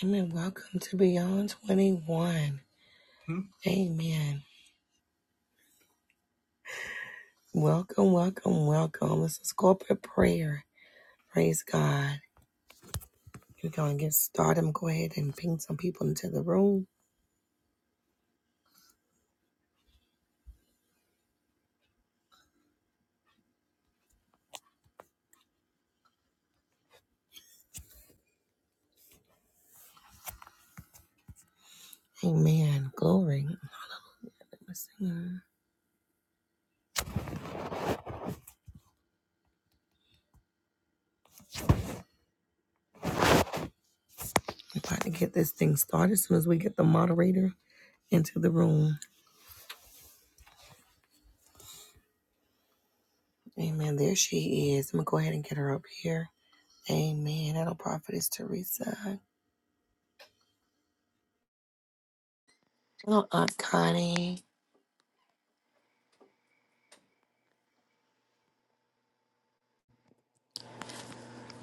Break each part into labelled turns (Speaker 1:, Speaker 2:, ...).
Speaker 1: Amen. Welcome to Beyond 21. Hmm? Amen. Welcome, welcome, welcome. This is corporate prayer. Praise God. We're going to get started. I'm going to go ahead and ping some people into the room. Amen. Glory. Let's see. We're about to get this thing started as soon as we get the moderator into the room. Amen. There she is. I'm going to go ahead and get her up here. Amen. Hello, Prophetess Teresa. Hello, Aunt Connie.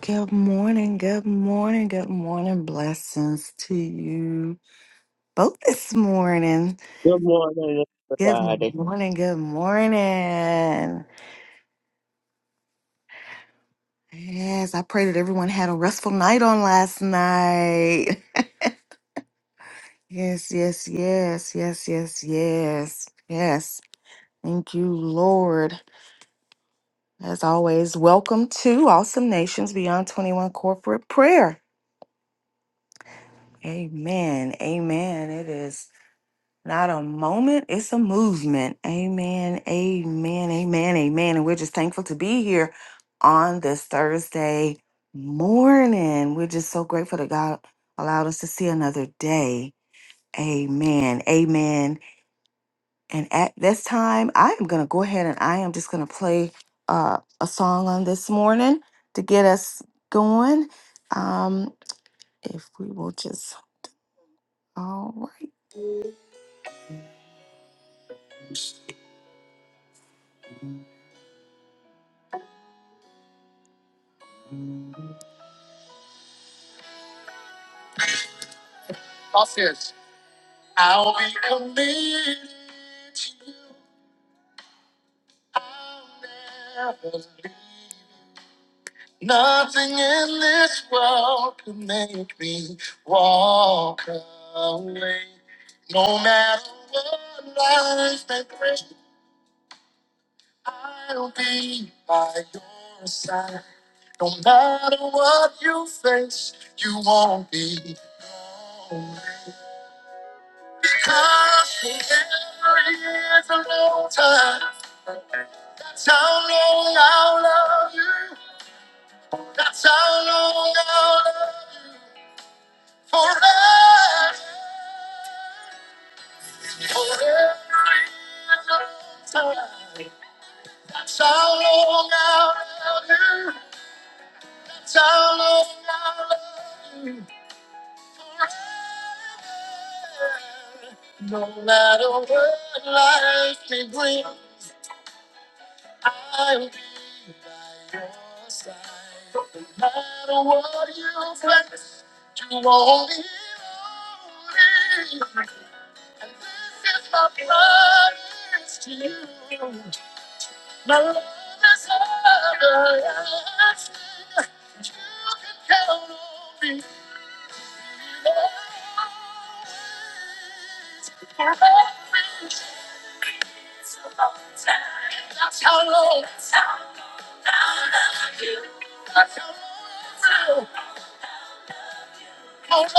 Speaker 2: Good morning, good morning, good morning. Blessings to you both this morning.
Speaker 3: Good morning,
Speaker 2: Good
Speaker 3: everybody.
Speaker 2: morning, good morning. Yes, I pray that everyone had a restful night on last night. Yes, yes, yes, yes, yes, yes, yes. Thank you, Lord. As always, welcome to Awesome Nations Beyond 21 Corporate Prayer. Amen, amen. It is. Not a moment, it's a movement. Amen, amen, amen, amen. And we're just thankful to be here on this Thursday morning. We're just so grateful that God allowed us to see another day. Amen, amen. And at this time, I am going to go ahead and I am just going to play uh, a song on this morning to get us going. Um, if we will just, all right. Off here. I'll be committed to you. I'll never leave. Nothing in this world can make me walk away. No matter what life may bring, I'll be by your side. No matter what you face, you won't be lonely. Cause forever is a long time. That's how long I'll love you. That's how long I'll love you. Forever. Forever is a long time. That's how long I'll love you. That's how long I'll love you. Forever. No matter what life may bring. I'll be by your side. No matter what you face, you won't be lonely. And this is my promise to you. My love is everlasting. You can count on me. always,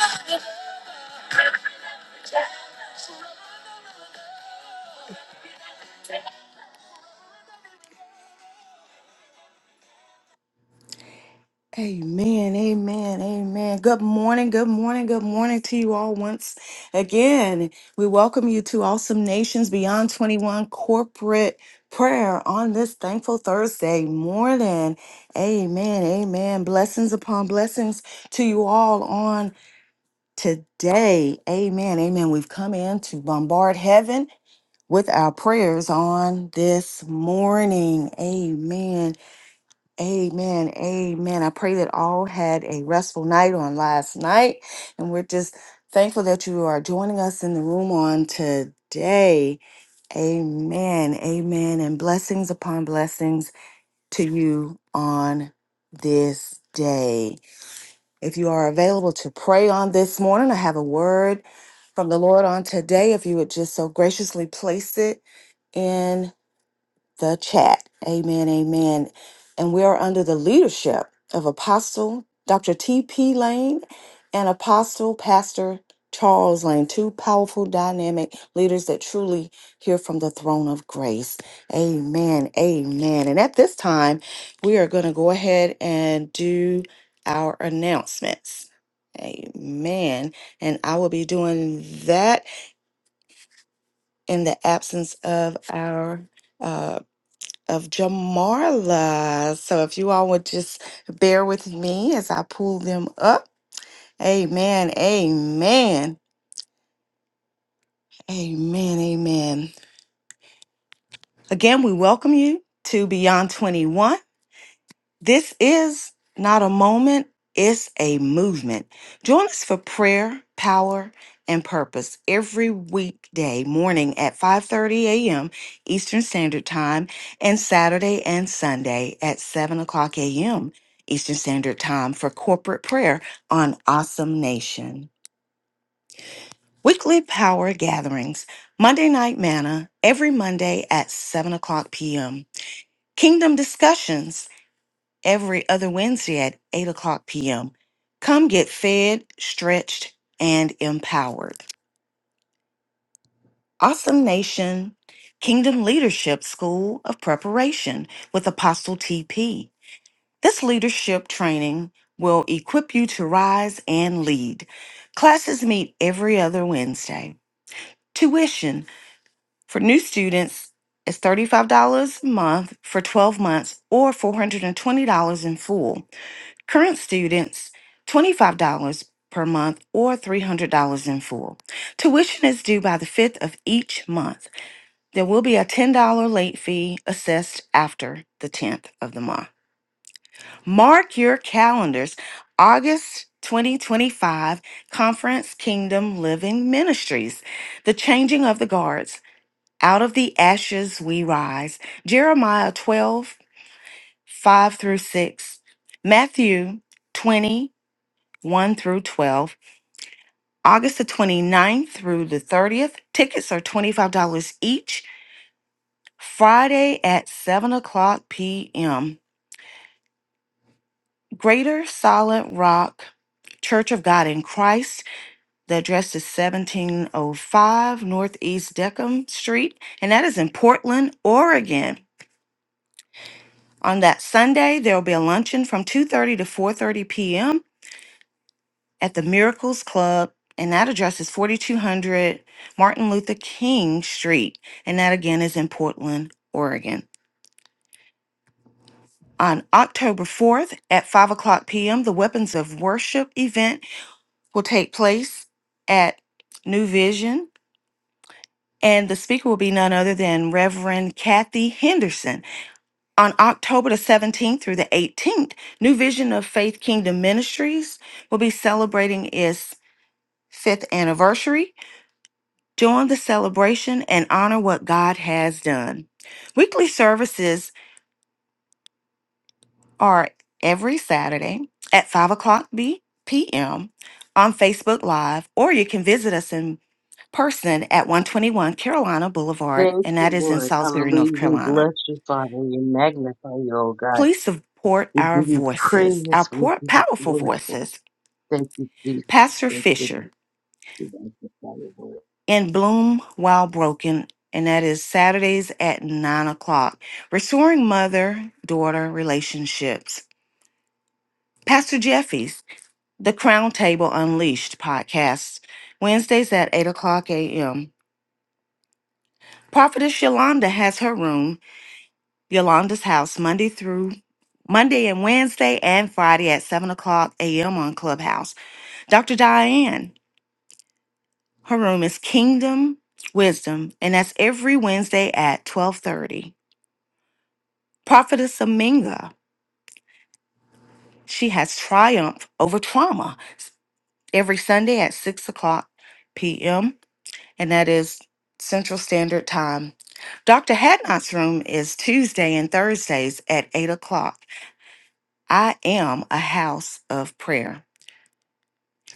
Speaker 2: always, always. Amen, amen, amen. Good morning, good morning, good morning to you all once again. We welcome you to Awesome Nations Beyond 21 corporate prayer on this thankful Thursday morning. Amen, amen. Blessings upon blessings to you all on today. Amen, amen. We've come in to bombard heaven with our prayers on this morning. Amen. Amen. Amen. I pray that all had a restful night on last night. And we're just thankful that you are joining us in the room on today. Amen. Amen. And blessings upon blessings to you on this day. If you are available to pray on this morning, I have a word from the Lord on today. If you would just so graciously place it the chat. Amen, amen. And we are under the leadership of Apostle Dr. T.P. Lane and Apostle Pastor Charles Lane, two powerful, dynamic leaders that truly hear from the throne of grace. Amen, amen. And at this time, we are going to go ahead and do our announcements. Amen. And I will be doing that in the absence of our. uh, of Jamarla. So if you all would just bear with me as I pull them up. Amen. Amen. Amen. Amen. Again, we welcome you to Beyond 21. This is not a moment, it's a movement. Join us for prayer, power, and purpose every weekday morning at 5:30 a.m. Eastern Standard Time and Saturday and Sunday at 7 o'clock a.m. Eastern Standard Time for corporate prayer on Awesome Nation. Weekly power gatherings, Monday night manna every Monday at 7 o'clock p.m. Kingdom discussions every other Wednesday at 8 o'clock p.m. Come get fed, stretched, and empowered. Awesome Nation Kingdom Leadership School of Preparation with Apostle TP. This leadership training will equip you to rise and lead. Classes meet every other Wednesday. Tuition for new students is $35 a month for 12 months or $420 in full. Current students, $25 per month or $300 in full. Tuition is due by the 5th of each month. There will be a $10 late fee assessed after the 10th of the month. Mark your calendars. August 2025 Conference Kingdom Living Ministries. The Changing of the Guards. Out of the Ashes We Rise. Jeremiah 12 5 through 6. Matthew 20, 1 through 12, August the 29th through the 30th. Tickets are $25 each, Friday at 7 o'clock p.m. Greater Solid Rock Church of God in Christ. The address is 1705 Northeast Deckham Street, and that is in Portland, Oregon. On that Sunday, there will be a luncheon from 2:30 to 4:30 p.m. at the Miracles Club, and that address is 4200 Martin Luther King Street, and that again is in Portland, Oregon. On October 4th at 5 o'clock p.m., the Weapons of Worship event will take place at New Vision, and the speaker will be none other than Reverend Kathy Henderson. On October the 17th through the 18th, New Vision of Faith Kingdom Ministries will be celebrating its fifth anniversary Join the celebration and honor what God has done. Weekly services are every Saturday at 5 o'clock p.m. on Facebook Live, or you can visit us in person at 121 Carolina Boulevard,
Speaker 4: Thank
Speaker 2: and that
Speaker 4: you,
Speaker 2: is in
Speaker 4: Lord.
Speaker 2: Salisbury, North
Speaker 4: Hallelujah. We
Speaker 2: Carolina.
Speaker 4: bless you, Father. We magnify you, oh God.
Speaker 2: Please support
Speaker 4: We
Speaker 2: our
Speaker 4: give you
Speaker 2: voices, our
Speaker 4: praise. We
Speaker 2: poor,
Speaker 4: give you
Speaker 2: powerful
Speaker 4: glory.
Speaker 2: voices.
Speaker 4: Thank you, Jesus.
Speaker 2: Pastor
Speaker 4: Thank you,
Speaker 2: Fisher
Speaker 4: Lord. We magnify you, Lord.
Speaker 2: in Bloom While Broken, and that is Saturdays at 9 o'clock. Restoring Mother Daughter Relationships. Pastor Jeffy's The Crown Table Unleashed podcast, Wednesdays at 8 o'clock a.m. Prophetess Yolanda has her room, Yolanda's house, Monday through Monday and Wednesday and Friday at 7 o'clock a.m. on Clubhouse. Dr. Diane, her room is Kingdom Wisdom, and that's every Wednesday at 1230. Prophetess Aminga, she has triumph over trauma s- every Sunday at 6 o'clock p.m., and that is Central Standard Time. Dr. Hadnot's room is Tuesday and Thursdays at 8 o'clock. I am a house of prayer.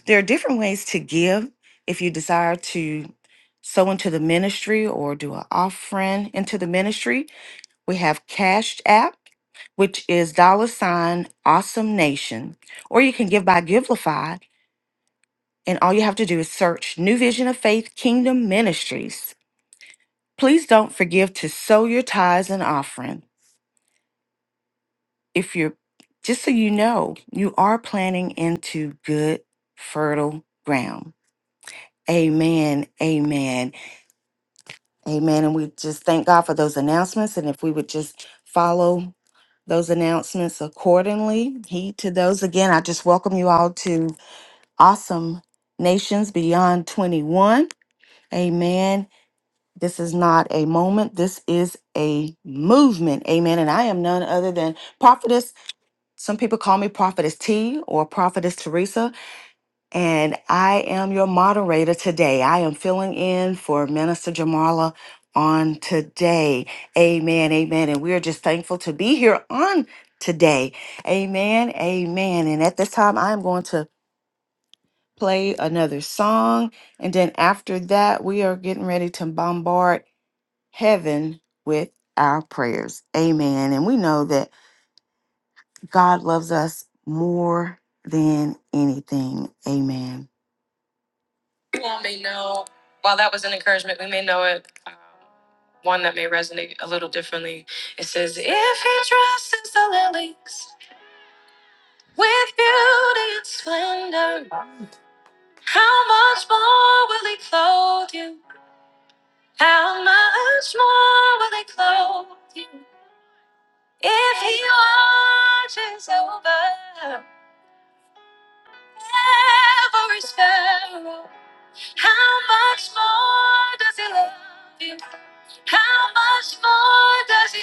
Speaker 2: There are different ways to give if you desire to sow into the ministry or do an offering into the ministry. We have Cash App, which is dollar sign awesome nation, or you can give by Givelify, and all you have to do is search New Vision of Faith Kingdom Ministries. Please don't forgive to sow your tithes and offering. If you're just so you know, you are planting into good, fertile ground. Amen. Amen. Amen. And we just thank God for those announcements. And if we would just follow those announcements accordingly. Heed to those. Again, I just welcome you all to Awesome Nations Beyond 21. Amen. This is not a moment, this is a movement. Amen. And I am none other than prophetess. Some people call me prophetess T or prophetess Teresa and I am your moderator today. I am filling in for Minister Jamala on today. Amen. Amen. And we are just thankful to be here on today. Amen. Amen. And at this time, I'm going to play another song. And then after that, we are getting ready to bombard heaven with our prayers. Amen. And we know that God loves us more than anything. Amen. you all may know, while that was an encouragement, we may know it. um, One that may resonate a little differently. It says, If he dresses the lilies with beauty and splendor, how much more will he clothe you? How much more will he clothe you? If he watches over every sparrow, how much more does he love you? How much more does he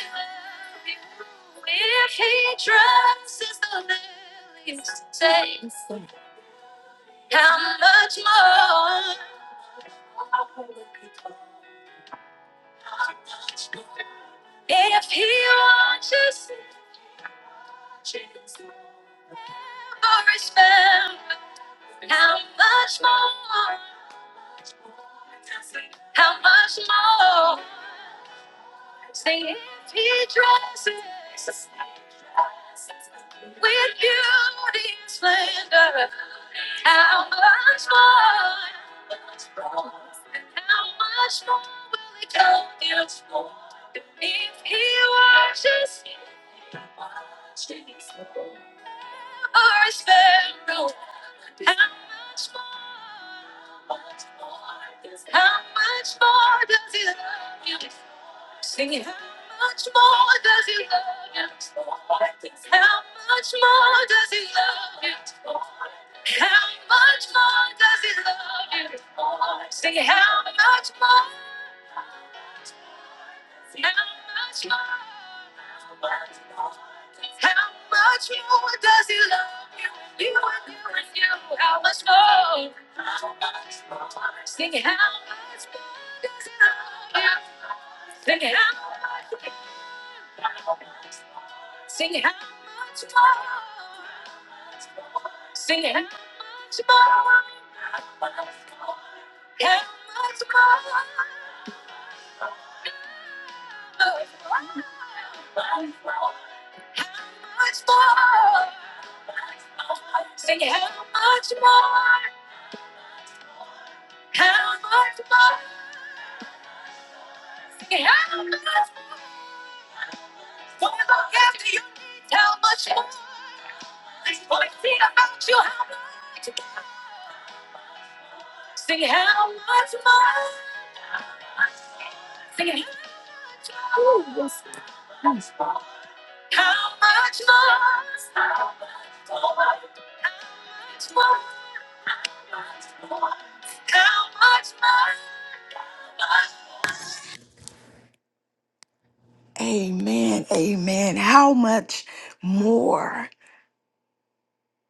Speaker 2: love you? Amen. Amen. How much more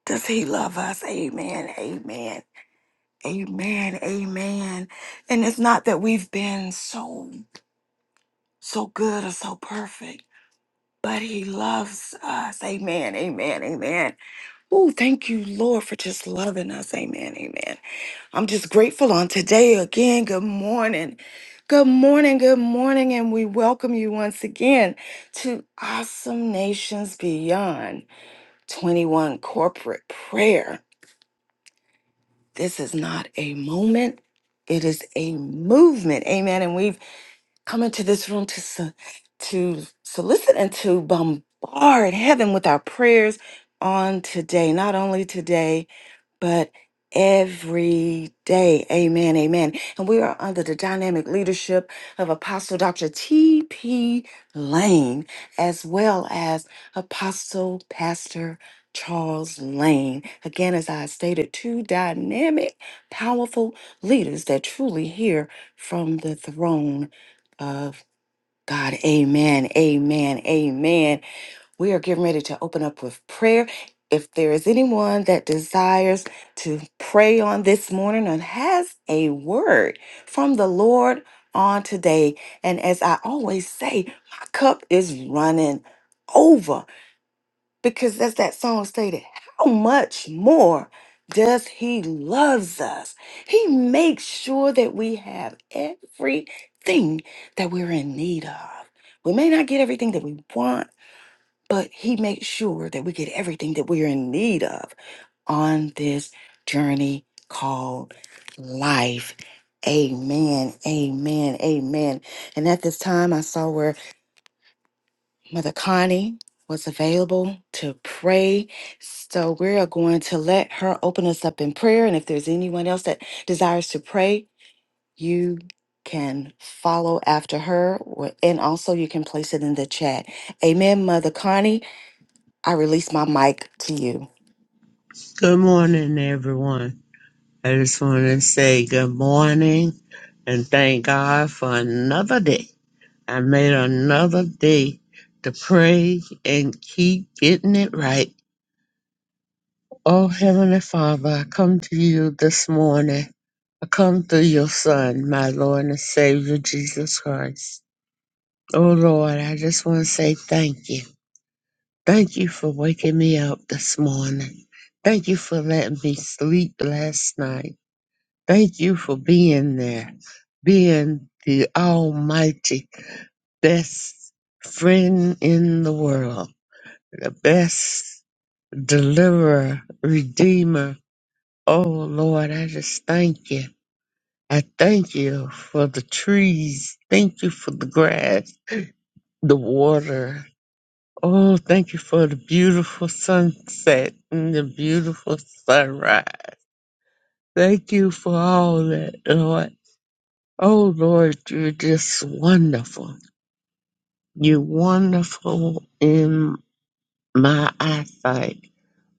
Speaker 2: does he love us? Amen. Amen. Amen. Amen. And it's not that we've been so so good or so perfect, but he loves us. Amen. Amen. Amen. Oh, thank you, Lord, for just loving us. Amen. Amen. I'm just grateful on today again. Good morning. Good morning. Good morning. And we welcome you once again to Awesome Nations Beyond 21 Corporate Prayer. This is not a moment, it is a movement. Amen. And we've come into this room to, so- to solicit and to bombard heaven with our prayers on today. Not only today, but every day. Amen. Amen. And we are under the dynamic leadership of Apostle Dr. T.P. Lane, as well as Apostle Pastor Charles Lane. Again, as I stated, two dynamic, powerful leaders that truly hear from the throne of God. Amen. Amen. Amen. We are getting ready to open up with prayer. If there is anyone that desires to pray on this morning and has a word from the Lord on today, and as I always say, my cup is running over because as that song stated, how much more does he loves us? He makes sure that we have everything that we're in need of. We may not get everything that we want but he makes sure that we get everything that we're in need of on this journey called life. Amen. Amen. Amen. And at this time, I saw where Mother Connie was available to pray. So we are going to let her open us up in prayer. And if there's anyone else that desires to pray, you can follow after her. or- And also, you can place it in the chat. Amen, Mother Connie. I release my mic to you.
Speaker 3: Good morning, everyone. I just want to say good morning and thank God for another day. I made another day to pray and keep getting it right. Oh, Heavenly Father, I come to you this morning. I come through your Son, my Lord and Savior, Jesus Christ. Oh, Lord, I just want to say thank you. Thank you for waking me up this morning. Thank you for letting me sleep last night. Thank you for being there, being the almighty best friend in the world, the best deliverer, redeemer. Oh Lord, I just thank you. I thank you for the trees. Thank you for the grass, the water. Oh, thank you for the beautiful sunset and the beautiful sunrise. Thank you for all that, Lord. Oh, Lord, you're just wonderful. You're wonderful in my eyesight.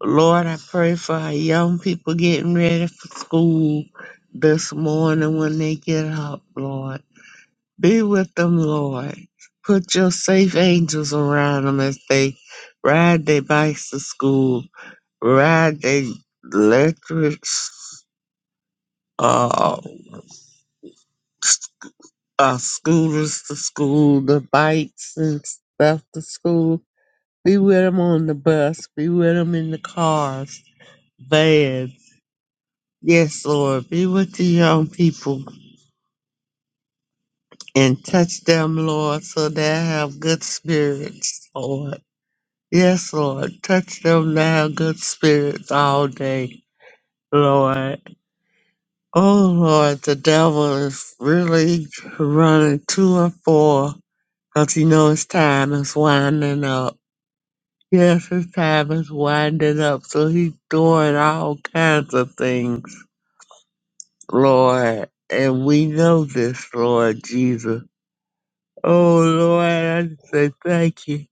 Speaker 3: Lord, I pray for our young people getting ready for school this morning when they get up, Lord. Be with them, Lord. Put your safe angels around them as they ride their bikes to school riding electric uh, uh, scooters to school, the bikes and stuff to school. Be with them on the bus. Be with them in the cars, vans. Yes, Lord. Be with the young people and touch them, Lord, so they have good spirits, Lord. Yes, Lord. Touch them to have good spirits all day, Lord. Oh Lord, the devil is really running to and fro because he knows time is winding up. Yes, his time is winding up, so he's doing all kinds of things, Lord. And we know this, Lord Jesus. Oh Lord, I just say thank you.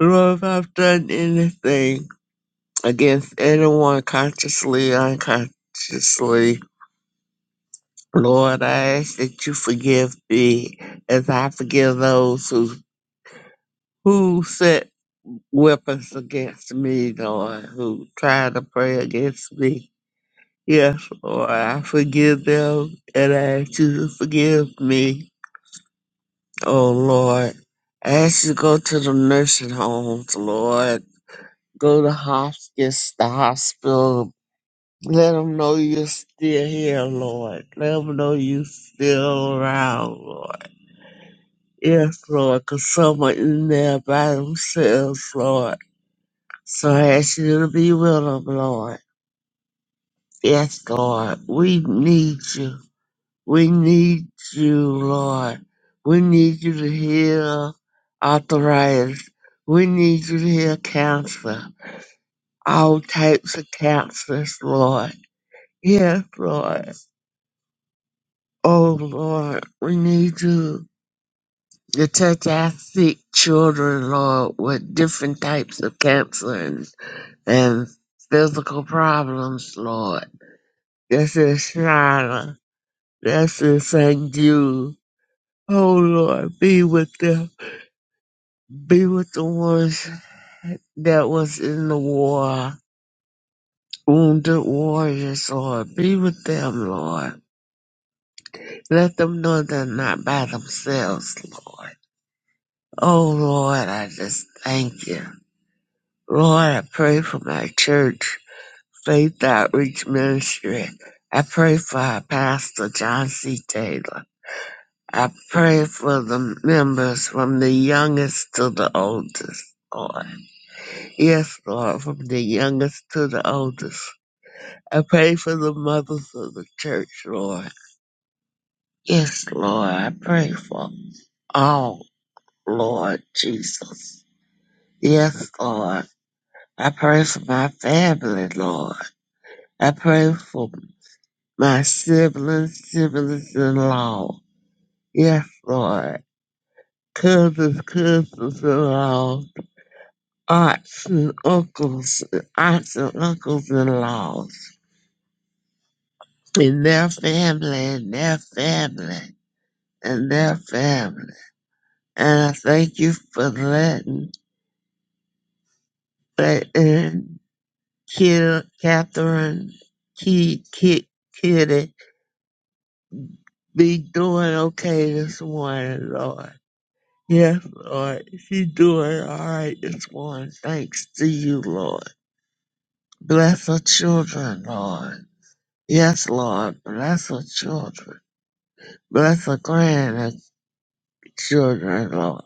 Speaker 3: Lord, if I've done anything against anyone consciously, unconsciously, Lord, I ask that you forgive me as I forgive those who who set weapons against me, Lord, who try to pray against me. Yes, Lord, I forgive them and I ask you to forgive me. Oh Lord. I ask you to go to the nursing homes, Lord. Go to hospice, the hospital. Let them know you're still here, Lord. Let them know you're still around, Lord. Yes, Lord, because someone in there by themselves, Lord. So I ask you to be with them, Lord. Yes, Lord, we need you. We need you, Lord. We need you to heal arthritis. We need you to heal cancer, all types of cancers, Lord. Yes, Lord. Oh, Lord, we need you to touch our sick children, Lord, with different types of cancer and and physical problems, Lord. This is Shana. This is St. Jude. Oh Lord, be with them. Be with the ones that was in the war. Wounded warriors, Lord. Be with them, Lord. Let them know they're not by themselves, Lord. Oh Lord, I just thank you. Lord, I pray for my church, Faith Outreach Ministry. I pray for our pastor, John C. Taylor. I pray for the members from the youngest to the oldest, Lord. Yes, Lord, from the youngest to the oldest. I pray for the mothers of the church, Lord. Yes, Lord, I pray for all, Lord Jesus. Yes, Lord. I pray for my family, Lord. I pray for my siblings, siblings in law. Yes, Lord. Cousins, cousins in law. aunts and uncles, aunts and uncles in laws, and their family, and their family, and their family. And I thank you for letting that in Kid, Catherine, Kid, Kid, Kitty be doing okay this morning, Lord. Yes, Lord. She doing all right this morning. Thanks to you, Lord. Bless her children, Lord. Yes, Lord. Bless her children. Bless the grand and children, Lord.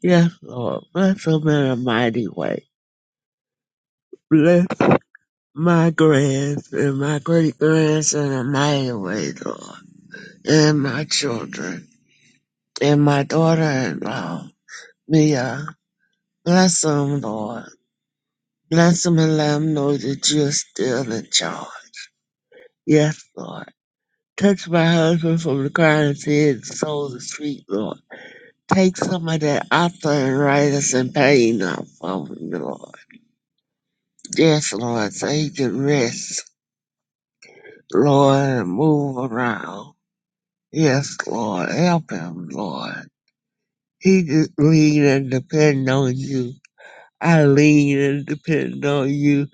Speaker 3: Yes, Lord. Bless them in a mighty way. Bless my grands and my great grands in a mighty way, Lord. And my children and my daughter-in-law, Mia. Bless them, Lord. Bless them and let them know that you're still in charge. Yes, Lord. Touch my husband from the crown of his head to the soul of his feet, Lord. Take some of that arthritis and pain off of him, Lord Yes, Lord, so he can rest, Lord, and move around. Yes, Lord, help him, Lord. He just lean and depend on you. I lean and depend on you.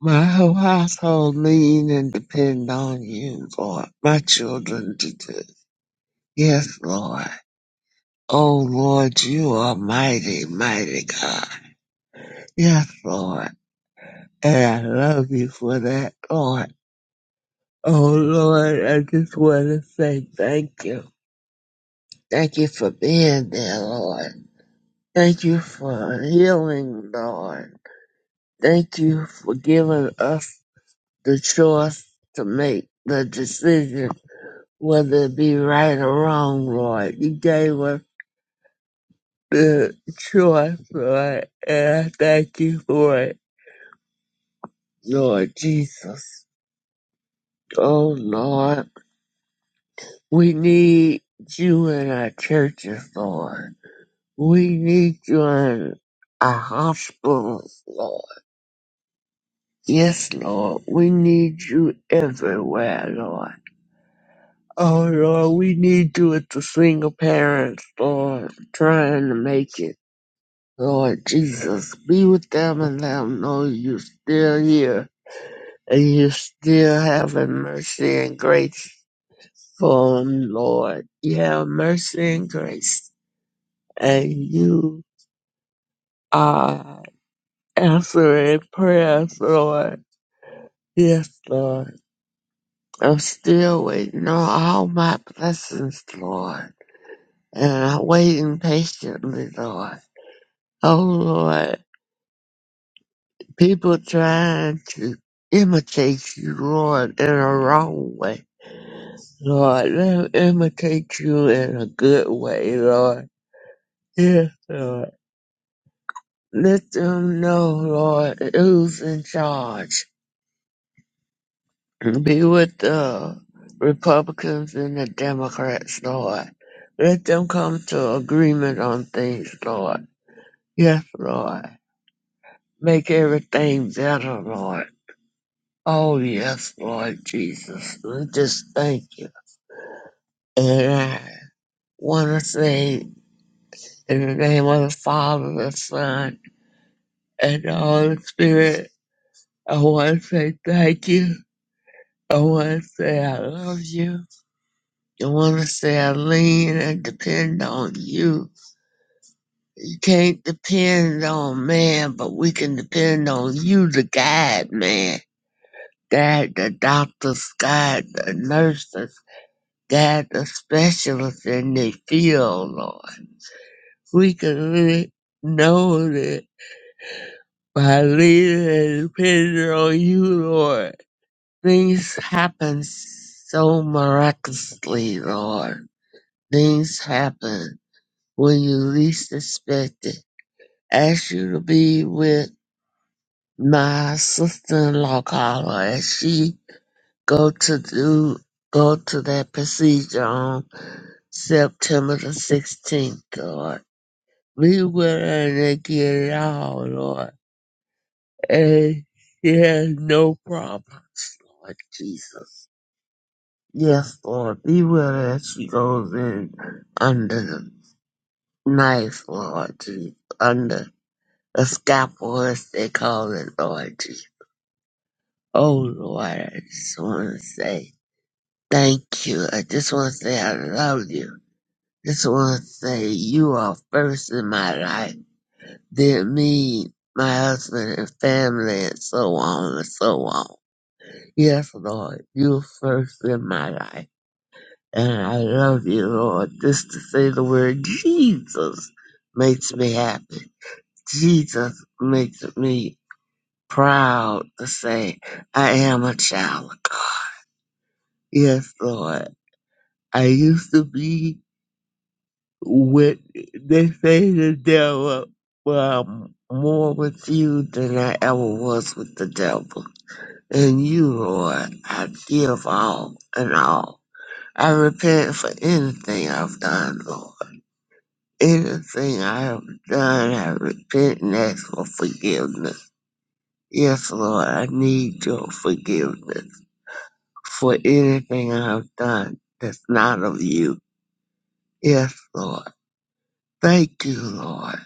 Speaker 3: My whole household lean and depend on you, Lord. My children do too. Yes, Lord. Oh, Lord, you are mighty, mighty God. Yes, Lord. And I love you for that, Lord. Oh Lord, I just want to say thank you. Thank you for being there, Lord. Thank you for healing, Lord. Thank you for giving us the choice to make the decision whether it be right or wrong, Lord. You gave us the choice, Lord, and I thank you for it, Lord Jesus. Oh Lord, we need you in our churches, Lord. We need you in our hospitals, Lord. Yes, Lord, we need you everywhere, Lord. Oh, Lord, we need you with the single parents, Lord, trying to make it. Lord Jesus, be with them and let them know you're still here and you're still having mercy and grace for them, Lord. You have mercy and grace, and you are answering prayers, Lord. Yes, Lord. I'm still waiting on all my blessings, Lord. And I'm waiting patiently, Lord. Oh, Lord. People trying to imitate you, Lord, in a wrong way. Lord, let them imitate you in a good way, Lord. Yes, Lord. Let them know, Lord, who's in charge. Be with the Republicans and the Democrats, Lord. Let them come to agreement on things, Lord. Yes, Lord. Make everything better, Lord. Oh, yes, Lord Jesus. We just thank you. And I want to say, in the name of the Father, the Son, and the Holy Spirit, I want to say thank you. I want to say I love you. I want to say I lean and depend on you. can't depend on man, but we can depend on you, the guide, man. Guide the doctors, guide the nurses, guide the specialists in the field, Lord. We can really know that by leaning and depending on you, Lord, things happen so miraculously, Lord. Things happen when you least expect it. Ask you to be with my sister-in-law called her and she go to do go to that procedure on September the sixteenth, Lord. Be with her and they get it all, Lord. And she has no problems, Lord Jesus. Yes, Lord, be with her as she goes in under the knife, Lord Jesus. Under the scalpel, as they call it, Lord Jesus. Oh, Lord, I just want to say. Thank you. I just want to say I love you. Just want to say you are first in my life. Then me, my husband and family and so on and so on. Yes, Lord, you are first in my life. And I love you, Lord. Just to say the word Jesus makes me happy. Jesus makes me proud to say I am a child. of God. Yes, Lord. I used to be with they say the devil well I'm more with you than I ever was with the devil. And you, Lord, I give all and all. I repent for anything I've done, Lord. Anything I have done, I repent and ask for forgiveness. Yes, Lord, I need your forgiveness for anything I have done that's not of you. Yes, Lord. Thank you, Lord.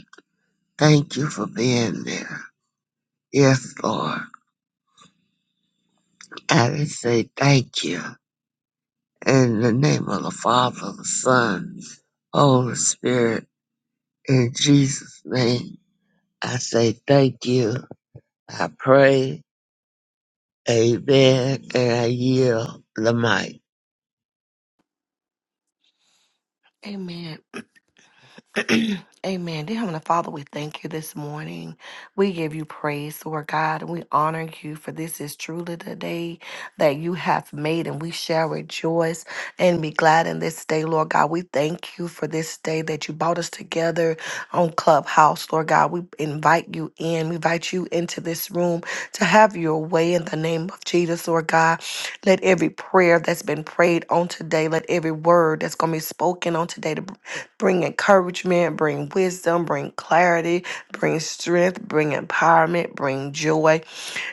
Speaker 3: Thank you for being there. Yes, Lord. And I just say thank you. In the name of the Father, the Son, Holy Spirit, in Jesus' name, I say thank you. I pray, amen, and I yield the mic.
Speaker 1: Amen. Amen. Dear Heavenly Father, we thank you this morning. We give you praise, Lord God, and we honor you for this is truly the day that you have made, and we shall rejoice and be glad in this day, Lord God. We thank you for this day that you brought us together on Clubhouse, Lord God. We invite you in, we invite you into this room to have your way in the name of Jesus, Lord God. Let every prayer that's been prayed on today, let every word that's going to be spoken on today, bring encouragement, bring wisdom, bring clarity, bring strength, bring empowerment, bring joy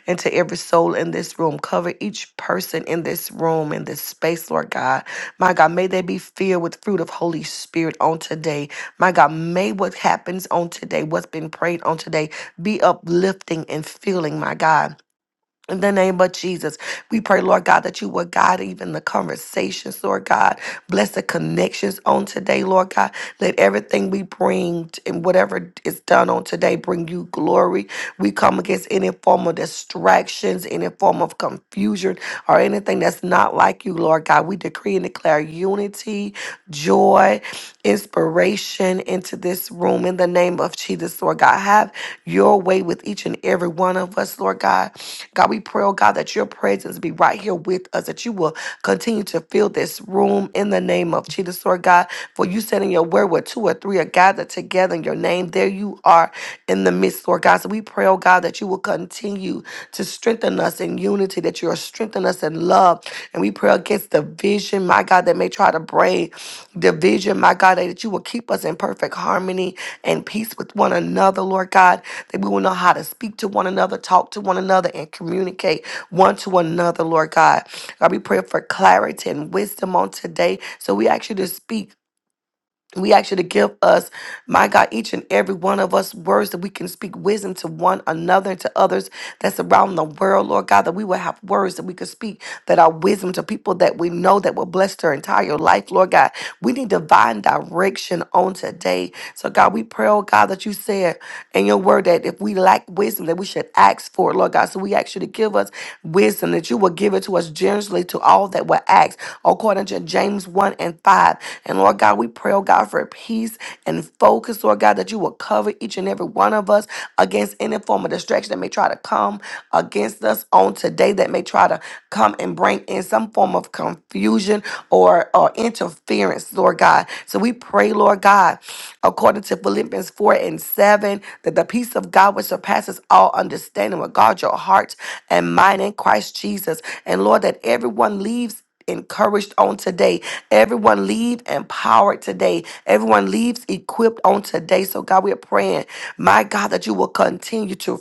Speaker 1: into every soul in this room. Cover each person in this room, in this space, Lord God. My God, may they be filled with fruit of Holy Spirit on today. My God, may what happens on today, what's been prayed on today, be uplifting and filling, my God. In the name of Jesus, we pray, Lord God, that you would guide even the conversations, Lord God. Bless the connections on today, Lord God. Let everything we bring t- and whatever is done on today bring you glory. We come against any form of distractions, any form of confusion, or anything that's not like you, Lord God. We decree and declare unity, joy, inspiration into this room in the name of Jesus, Lord God. Have your way with each and every every one of us, Lord God. God, we pray, oh God, that your presence be right here with us, that you will continue to fill this room in the name of Jesus, Lord God. For you said in your word where two or three are gathered together in your name, there you are in the midst, Lord God. So we pray, oh God, that you will continue to strengthen us in unity, that you will strengthen us in love. And we pray against the vision, my God, that may try to break division, my God, that you will keep us in perfect harmony and peace with one another, Lord God, that we will know how to speak to one another, talk to one another, and communicate one to another, Lord God. God, we pray for clarity and wisdom on today. So we ask you to speak. We ask you to give us, my God, each and every one of us words that we can speak wisdom to one another and to others that's around the world, Lord God, that we will have words that we can speak that are wisdom to people that we know that will bless their entire life, Lord God. We need divine direction on today. So, God, we pray, oh God, that you said and your word that if we lack wisdom, that we should ask for it, Lord God. So we ask you to give us wisdom, that you will give it to us generously to all that will ask, according to James 1 and 5. And Lord God, we pray, oh God, for peace and focus, Lord God, that you will cover each and every one of us against any form of distraction that may try to come against us on today, that may try to come and bring in some form of confusion or, or interference, Lord God. So we pray, Lord God, according to Philippians 4 and 7, that the peace of God which surpasses all understanding will guard your heart and mind in Christ Jesus. And Lord, that everyone leaves encouraged on today. Everyone leave empowered today. Everyone leaves equipped on today. So God, we're praying, my God, that you will continue to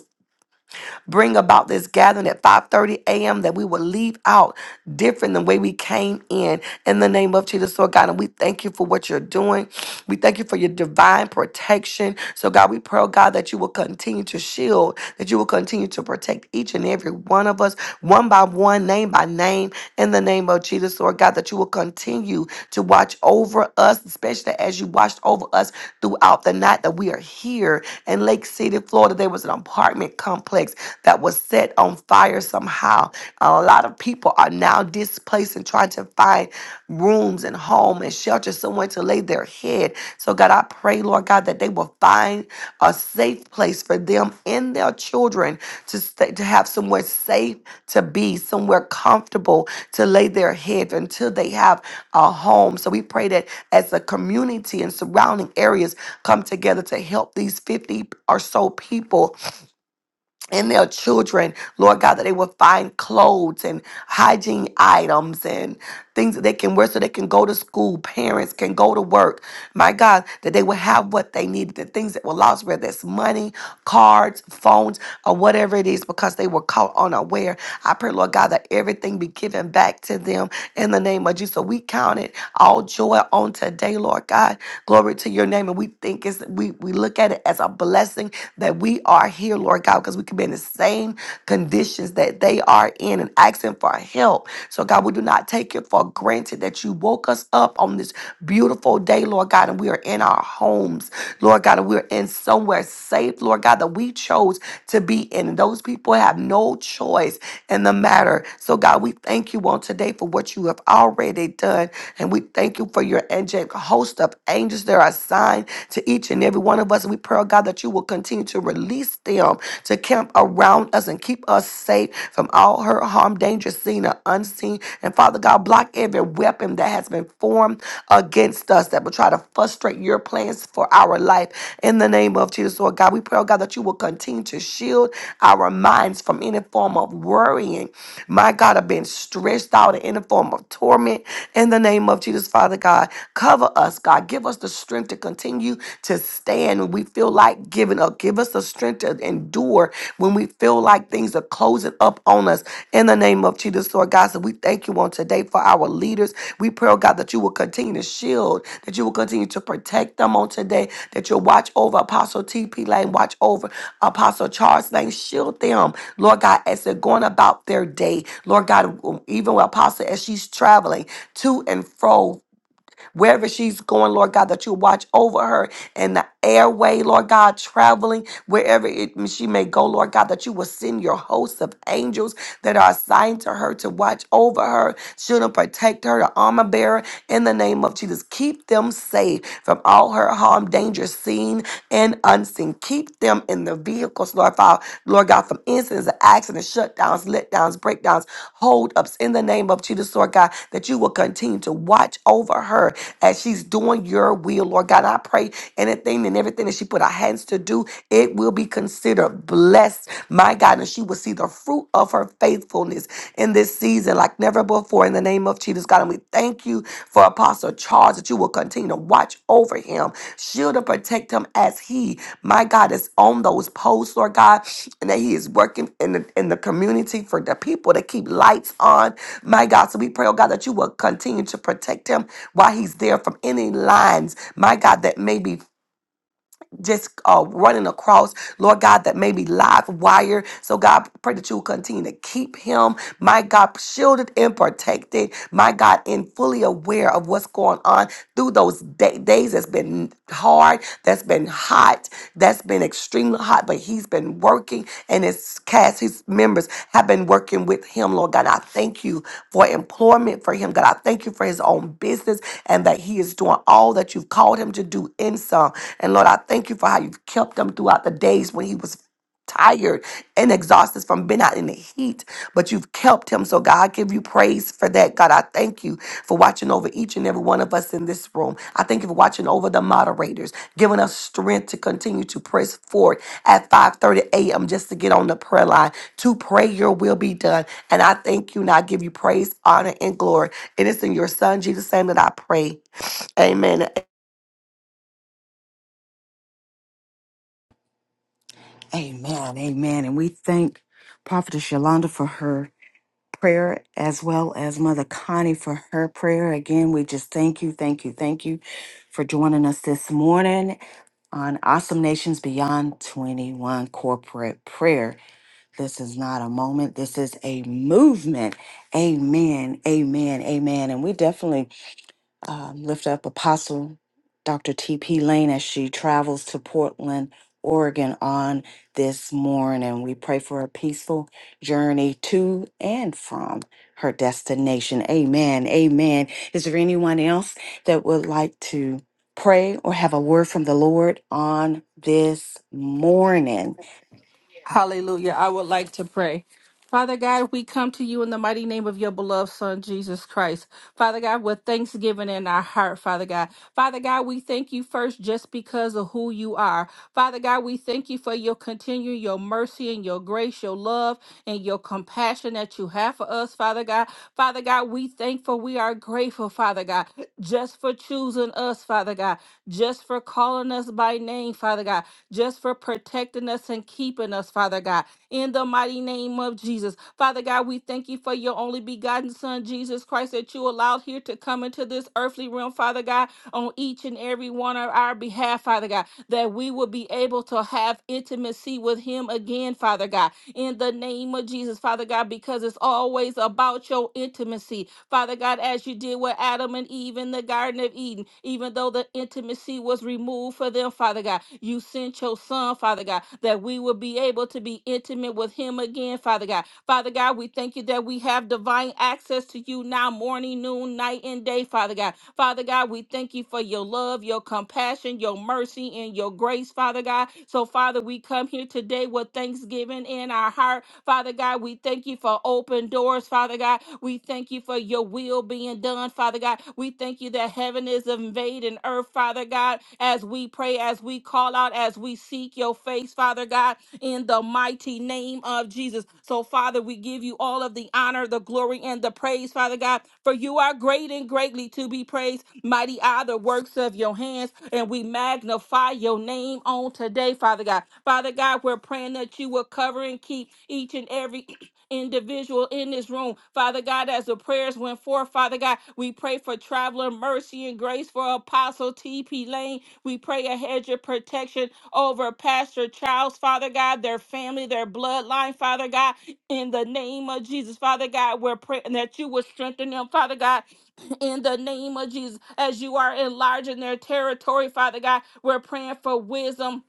Speaker 1: bring about this gathering at 5:30 a.m. that we will leave out different than the way we came in in the name of Jesus. Lord God, and we thank you for what you're doing. We thank you for your divine protection. So God, we pray, oh God, that you will continue to shield, that you will continue to protect each and every one of us, one by one, name by name, in the name of name of Jesus, Lord God, that you will continue to watch over us, especially as you watched over us throughout the night that we are here in Lake City, Florida. There was an apartment complex that was set on fire somehow. A lot of people are now displaced and trying to find rooms and home and shelter somewhere to lay their head. So, God, I pray, Lord God, that they will find a safe place for them and their children to stay, to have somewhere safe to be, somewhere comfortable to lay their head until they have a home. So we pray that as a community and surrounding areas come together to help these 50 or so people and their children, Lord God, that they will find clothes and hygiene items and things that they can wear so they can go to school, parents can go to work. My God, that they will have what they needed, the things that were lost, whether it's money, cards, phones, or whatever it is, because they were caught unaware. I pray, Lord God, that everything be given back to them in the name of Jesus. So we count it all joy on today, Lord God. Glory to your name. And we think it's we we look at it as a blessing that we are here, Lord God, because we can be in the same same conditions that they are in and asking for help. So, God, we do not take it for granted that you woke us up on this beautiful day, Lord God, and we are in our homes, Lord God, and we're in somewhere safe, Lord God, that we chose to be in. And those people have no choice in the matter. So, God, we thank you on today for what you have already done. And we thank you for your angelic host of angels that are assigned to each and every one of us. And we pray, oh God, that you will continue continue to release them to camp around us and keep us safe from all hurt, harm, danger, seen or unseen. And Father God, block every weapon that has been formed against us that will try to frustrate your plans for our life. In the name of Jesus, Lord God, we pray, oh God, that you will continue to shield our minds from any form of worrying. My God, I've been stressed out in any form of torment. In the name of Jesus, Father God, cover us, God. Give us the strength to continue to stand when we feel like giving up. Give us the strength to endure when we feel like things are closing up on us. In the name of Jesus, Lord God, so we thank you on today for our leaders. We pray, oh God, that you will continue to shield, that you will continue to protect them on today, that you'll watch over Apostle T.P. Lane, watch over Apostle Charles Lane, shield them, Lord God, as they're going about their day. Lord God, even with Apostle, as she's traveling to and fro wherever she's going, Lord God, that you watch over her and the airway, Lord God, traveling wherever it, she may go, Lord God, that you will send your hosts of angels that are assigned to her to watch over her, shield and protect her, the armor bearer, in the name of Jesus. Keep them safe from all her harm, danger, seen and unseen. Keep them in the vehicle vehicles, Lord, Father, Lord God, from incidents and accidents, shutdowns, letdowns, breakdowns, holdups in the name of Jesus, Lord God, that you will continue to watch over her as she's doing your will, Lord God. I pray anything and everything that she put her hands to do, it will be considered blessed, my God, and she will see the fruit of her faithfulness in this season like never before grateful for in the name of Jesus, God. And we thank you for Apostle Charles that you will continue to watch over him, shield and protect him as he, my God, is on those posts, Lord God, and that he is working in the, in the community for the people to keep lights on, my God. So we pray, oh God, that you will continue to protect him while he's there from any lines, my God, that may be just uh, running across, Lord God, that may be live wire. So, God, pray that you will continue to keep him, my God, shielded and protected, my God, and fully aware of what's going on through those day- days that's been hard, that's been hot, that's been extreme extremely hot, but he's been working and his cast, his members have been working with him, Lord God. I thank you for employment for him, God. I thank you for his own business and that he is doing all that you've called him to do in some. And Lord, I thank you for how you've kept him throughout the days when he was tired and exhausted from being out in the heat, but you've kept him. So, God, I give you praise for that. God, I thank you for watching over each and every one of us in this room. I thank you for watching over the moderators, giving us strength to continue to press forward at 5:30 a.m. just to get on the prayer line to pray your will be done. And I thank you and I give you praise, honor, and glory. And it's in your son Jesus' name that I pray. Amen.
Speaker 2: Amen. Amen. And we thank Prophetess Yolanda for her prayer as well as Mother Connie for her prayer. Again, we just thank you, thank you, thank you for joining us this morning on Awesome Nations Beyond 21 Corporate Prayer. This is not a moment. This is a movement. Amen. Amen. Amen. And we definitely um, lift up Apostle Dr. T.P. Lane as she travels to Portland, Oregon on this morning. We pray for a peaceful journey to and from her destination. Amen. Amen. Is there anyone else that would like to pray or have a word from the Lord on this morning?
Speaker 5: Hallelujah. I would like to pray. Father God, we come to you in the mighty name of your beloved Son, Jesus Christ. Father God, with thanksgiving in our heart, Father God. Father God, we thank you first just because of who you are. Father God, we thank you for your continuing, your mercy and your grace, your love and your compassion that you have for us, Father God. Father God, we thankful, we are grateful, Father God, just for choosing us, Father God, just for calling us by name, Father God just for protecting us and keeping us, Father God. In the mighty name of Jesus. Father God, we thank you for your only begotten Son, Jesus Christ, that you allowed here to come into this earthly realm, Father God, on each and every one of our behalf, Father God, that we will be able to have intimacy with him again, Father God in the name of Jesus, Father God, because it's always about your intimacy. Father God, as you did with Adam and Eve in the Garden of Eden, even though the intimacy was removed for them, Father God, you sent your son, Father God, that we would be able to be intimate with him again, Father God. Father God, we thank you that we have divine access to you now, morning, noon, night, and day, Father God. Father God, we thank you for your love, your compassion, your mercy, and your grace, Father God. So, Father, we come here today with thanksgiving in our heart. Father God, we thank you for open doors, Father God. We thank you for your will being done, Father God. We thank you that heaven is invading earth, Father God, as we pray, as we call out, as we seek your face, Father God, in the mighty name of Jesus. So, Father, we give you all of the honor, the glory, and the praise, Father God, for you are great and greatly to be praised. Mighty are the works of your hands, and we magnify your name on today, Father God. Father God, we're praying that you will cover and keep each and every individual in this room. Father God, as the prayers went forth, Father God, we pray for traveler mercy and grace for Apostle T.P. Lane. We pray a hedge of protection over Pastor Charles, Father God, their family, their bloodline, Father God, in the name of Jesus, Father God, we're praying that you will strengthen them, Father God, in the name of Jesus, as you are enlarging their territory, Father God, we're praying for wisdom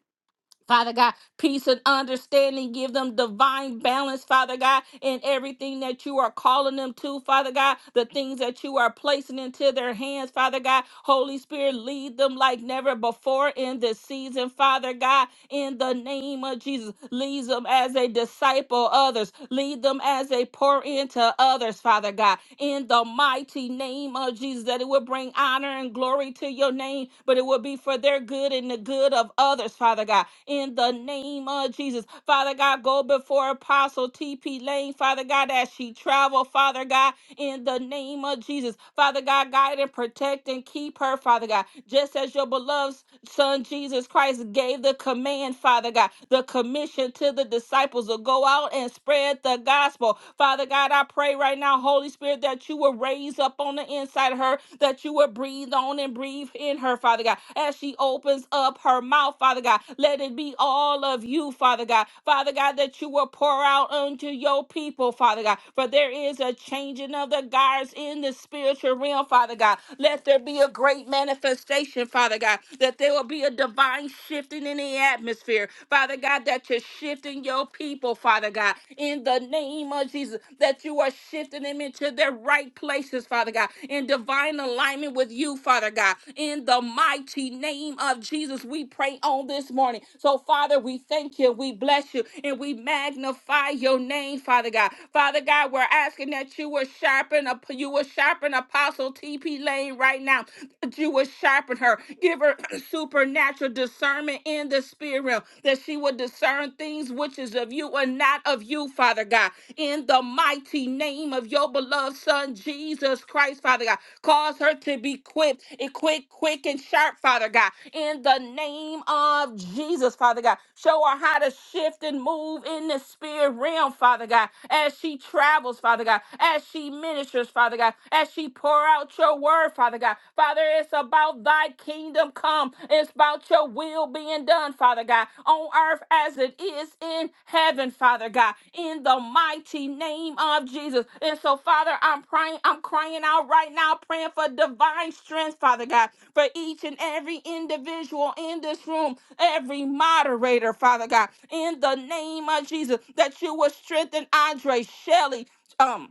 Speaker 5: Father God, peace and understanding. Give them divine balance, Father God, in everything that you are calling them to, Father God, the things that you are placing into their hands, Father God. Holy Spirit, lead them like never before in this season, Father God, in the name of Jesus. Lead them as they disciple others, lead them as they pour into others, Father God, in the mighty name of Jesus, that it will bring honor and glory to your name, but it will be for their good and the good of others, Father God in the name of Jesus. Father God, go before Apostle TP Lane, Father God, as she travel, Father God in the name of Jesus. Father God, guide and protect and keep her, Father God, just as your beloved Son Jesus Christ gave the command, Father God, the commission to the disciples to go out and spread the gospel. Father God, I pray right now, Holy Spirit, that you will raise up on the inside of her, that you will breathe on and breathe in her, Father God, as she opens up her mouth, Father God. Let it be all of you, Father God. Father God, that you will pour out unto your your people, Father God. For there is a changing of the guards in the spiritual realm, Father God. Let there be a great manifestation, Father God, that there will be a divine shifting in the atmosphere, Father God, that you're shifting your people, Father God, in the name of Jesus, that you are shifting them into their right places, Father God, in divine alignment with you, Father God, in the mighty name of Jesus. We pray on this morning. So, Father, we thank you. We we bless you and we magnify your name, Father God. Father God, we're asking that you will sharpen up you will sharpen Apostle TP Lane right now. That you will sharpen her. Give her supernatural discernment in the spirit realm. That she will discern things which is of you and not of you, Father God. In the mighty name of your beloved Son Jesus Christ, Father God. Cause her to be quick, and quick, quick and sharp, Father God. In the name name of Jesus, Father God. Show her how to shift and move in the spirit realm, Father God, as she travels, Father God, as she ministers, Father God, as she pour out your word, Father God. Father, it's about thy kingdom come. It's about your will being done, Father God, on earth as it is in heaven, Father God, in the mighty name of Jesus. And so, Father, I'm praying, I'm crying out right now, praying for divine strength, Father God for each and every individual in this room, every moderator, Father God, in the name of Jesus, that you would strengthen Andre Shelley. Um,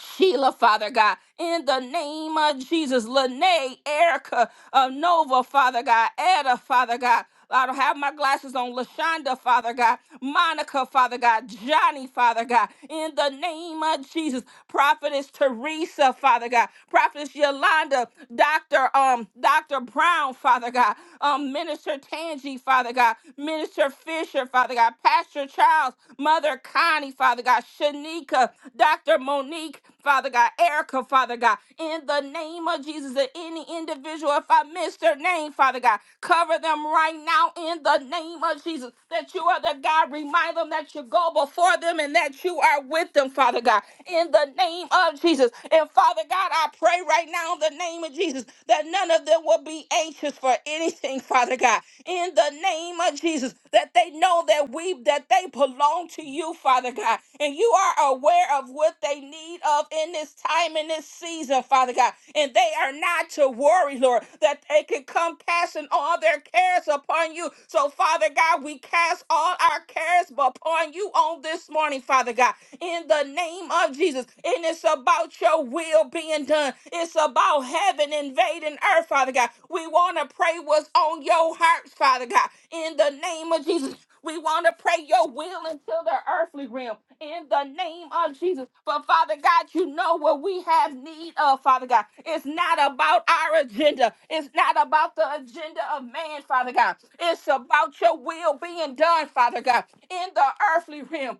Speaker 5: Sheila, Father God, in the name of Jesus, Lene, Erica, uh, Nova, Father God, Etta, Father God. I don't have my glasses on. Lashonda, Father God, Monica, Father God, Johnny, Father God, in the name of Jesus. Prophetess Teresa, Father God, Prophetess Yolanda, Doctor, um, Doctor Brown, Father God, um, Minister Tangi, Father God, Minister Fisher, Father God, Pastor Charles, Mother Connie, Father God, Shanika, Dr. Monique, Father God, Erica, Father God, in the name of Jesus, and any individual, if I miss their name, Father God, cover them right now in the name of Jesus, that you are the God. Remind them that you go before them and that you are with them, Father God, in the name of Jesus. And Father God, I pray right now in the name of Jesus that none of them will be anxious for anything, Father God, in the name name of Jesus that they know that we that they belong to you, Father God. And you are aware of what they need of in this time in this season, Father God. And they are not to worry, Lord, that they can come casting all their cares upon you. So, Father God, we cast all our cares upon you on this morning, Father God in the name of Jesus. And it's about your will being done. It's it's about heaven invading earth, Father God. We want to pray what's on your hearts, Father God. In the name of Jesus, we want to pray your will into the earthly realm. In the name of Jesus. But Father God, you know what we have need of, Father God. It's not about our agenda. It's not about the agenda of man, Father God. It's about your will being done, Father God, in the earthly realm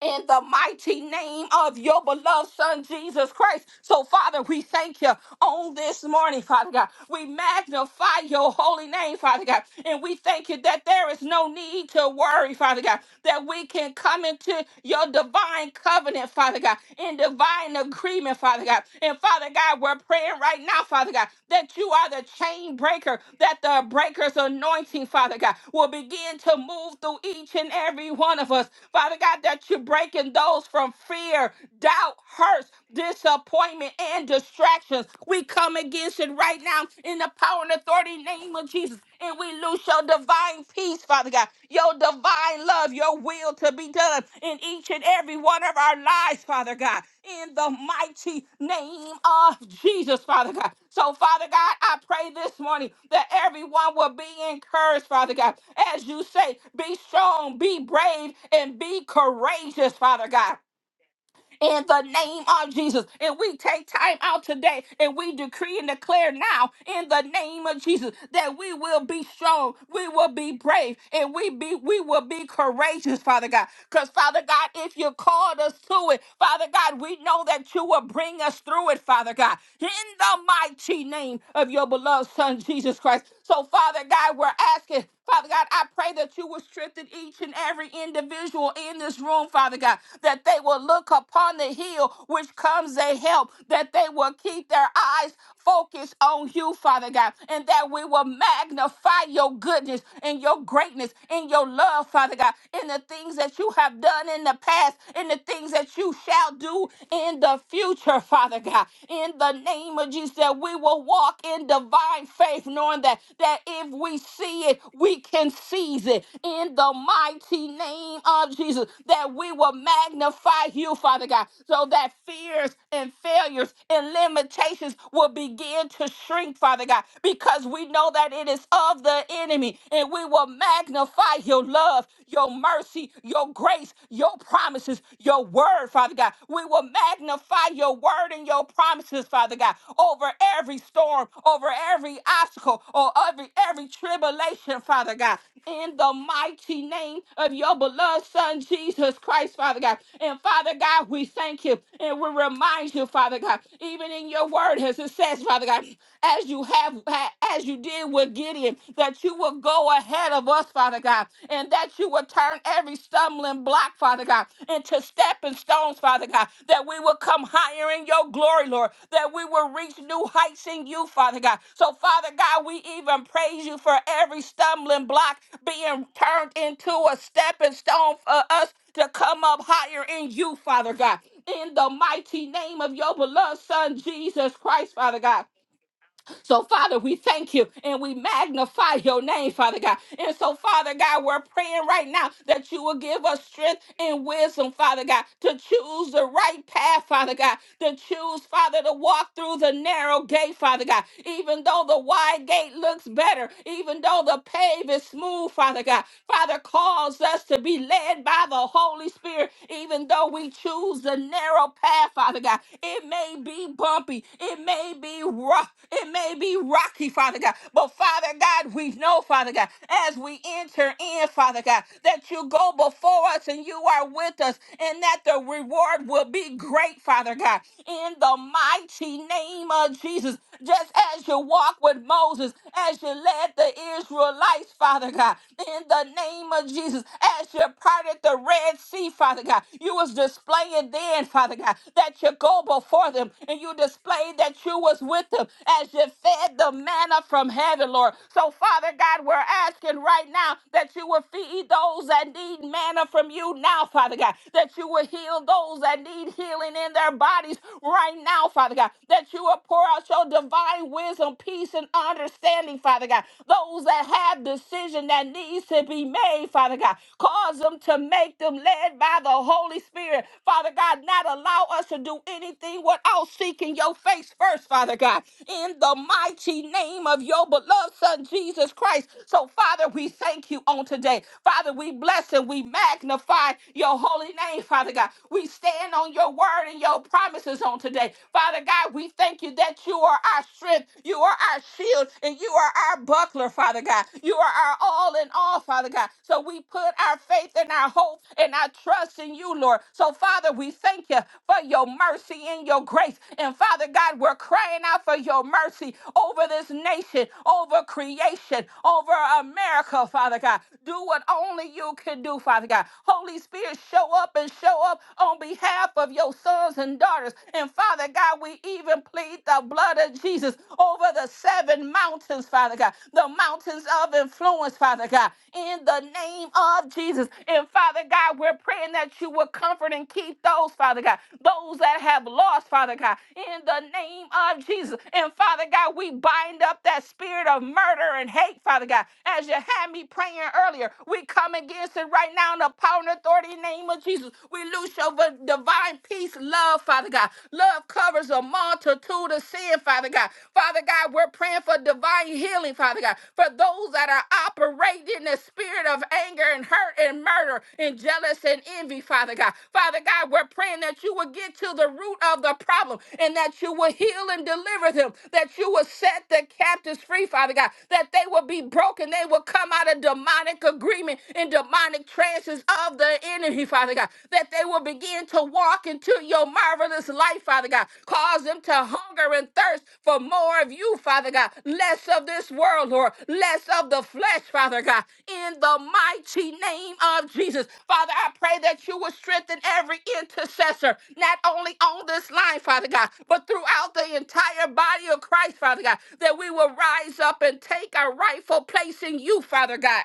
Speaker 5: in the mighty name of your beloved son Jesus Christ. So, Father, we thank you on this morning, Father God. We magnify your holy name, Father God. And we thank you that there is no need to worry, Father God, that we can come into your divine covenant, Father God, in divine agreement, Father God. And Father God, we're praying praying right now, Father God, that you are the chain breaker, that the breaker's anointing, Father God, will begin to move through each and every one of us. Father God, that you're breaking those from fear, doubt, hurts, disappointment, and distractions. We come against it right now in the power and authority name of Jesus and we lose your divine peace, Father God, your divine love, your will to be done in each and every one of our lives, Father God, in the mighty name of Jesus, Father God. So, Father God, I pray this morning that everyone will be encouraged, Father God. As you say, be strong, be brave, and be courageous, Father God in the name of Jesus. And we take time out today and we decree and declare now in the name of Jesus that we will be strong, we will be brave, and we be we will be courageous, Father God. Because Father God, if you called us to it, Father God, we know that you will bring us through it, Father God. In the mighty name of your beloved Son Jesus Christ. So, Father God, we're asking, Father God, I pray that you that you will strengthen each and every individual in this room, Father God, that they will look upon the hill which comes their help, that they will keep their eyes focused on you, Father God, and that we will magnify your goodness and your greatness and your love, Father God, in the things that you have done in the past, in the things that you shall do in the future, Father God, in the name of Jesus, that we will walk walk in divine faith, knowing that, that if we see it, we can seize it in the mighty name of Jesus, that we will magnify you, Father God, so that fears and failures and limitations will begin to shrink, Father God, because we know that it is of the enemy, and we will magnify your love, your mercy, your grace, your promises, your word, word, Father God. We will magnify your word and your promises, Father God, over every storm, over every obstacle, or every every tribulation, Father God. In the mighty name of your beloved Son Jesus Christ, Father God. And Father God, we thank you and we remind you, Father God, even in your word, as it says, Father God, as you have as you did with Gideon, that you will go ahead of us Father God, and that you will turn every stumbling block, Father God, into stepping stones, Father God, that we will come higher in your glory, Lord, that we will reach new heights in you, Father God. So, Father God, we even praise you for every stumbling block being turned into a stepping stone for us to come up higher in you, Father God. In the mighty name of your beloved Son, Jesus Christ, Father God. So, Father, we thank you and we magnify your name, Father God. And so, Father God, we're praying right now that you will give us strength and wisdom, Father God, to choose the right path, Father God, to choose, Father, to walk through the narrow gate, Father God. Even though the wide gate looks better, even though the pave is smooth, Father God, Father, cause us to be led by the Holy Spirit, even though we choose the narrow path, Father God. It may be bumpy, it may be rough, it may be rocky, Father God. But Father God, we know, Father God, as we enter in, Father God, that you go before us and you are with us, and that the reward will be great, Father God. In the mighty name of Jesus, just as you walk with Moses, as you led the Israelites, Father God, in the name of Jesus, as you parted the Red Sea, Father God. You was displaying then, Father God, that you go before them and you displayed that you was with them as you fed the manna from heaven, Lord. So, Father God, we're asking right now that you will feed those that need manna from you now, Father God, that you will heal those that need healing in their bodies right now, Father God, that you will pour out your divine wisdom, peace, and understanding, Father God. Those that have decision that needs to be made, Father. Father God. Cause them to make them led by the Holy Spirit. Father God, not allow us to do anything without seeking your face first, Father God, in the mighty name of your beloved Son, Jesus Christ. So, Father, we thank you on today. Father, we bless and we magnify your holy name, Father God. We stand on your word and your promises on today. Father God, we thank you that you are our strength, you are our shield, and you are our buckler buckler, Father God. You are our all in all, Father God. So we put our faith and our hope and our trust in you, Lord. So, Father, we thank you for your mercy and your grace. And, Father God, we're crying out for your mercy over this nation, over creation, over America, Father God. Do what only you can do, Father God. Holy Spirit, show up and show up on behalf of your sons and daughters. And, Father God, we even plead the blood blood of Jesus over the seven mountains, Father God, the mountains of influence, Father God, in the name of Jesus. And Father God, we're praying that you will comfort and keep those, Father God, those that have lost, Father God, in the name of Jesus. And Father God, we bind up that spirit of murder and hate, Father God, as you had me praying earlier. We come against it right now in the power and authority name of Jesus. We loose your divine peace, love, love, Father God. Love covers a multitude of sin, Father God. Father God, we're praying for divine healing, Father God, for those that are operating in the spirit of anger and hurt and murder and jealous and envy, Father God. Father God, we're praying that you will get to the root of the problem and that you will heal and deliver them, that you will set the captives free, Father God, that they will be broken, they will come out of demonic agreement and demonic trances of the enemy enemy, Father God, that they will begin to walk into your marvelous light, Father God. Cause them to hunger and thirst for more of you, Father God. Less of this world, Lord. Less of the flesh, Father God. In the mighty name of Jesus. Father, I pray that you will strengthen every intercessor, not only on this line, Father God, but throughout the entire body of Christ, Father God, that we will rise up and take our rightful place in you, Father God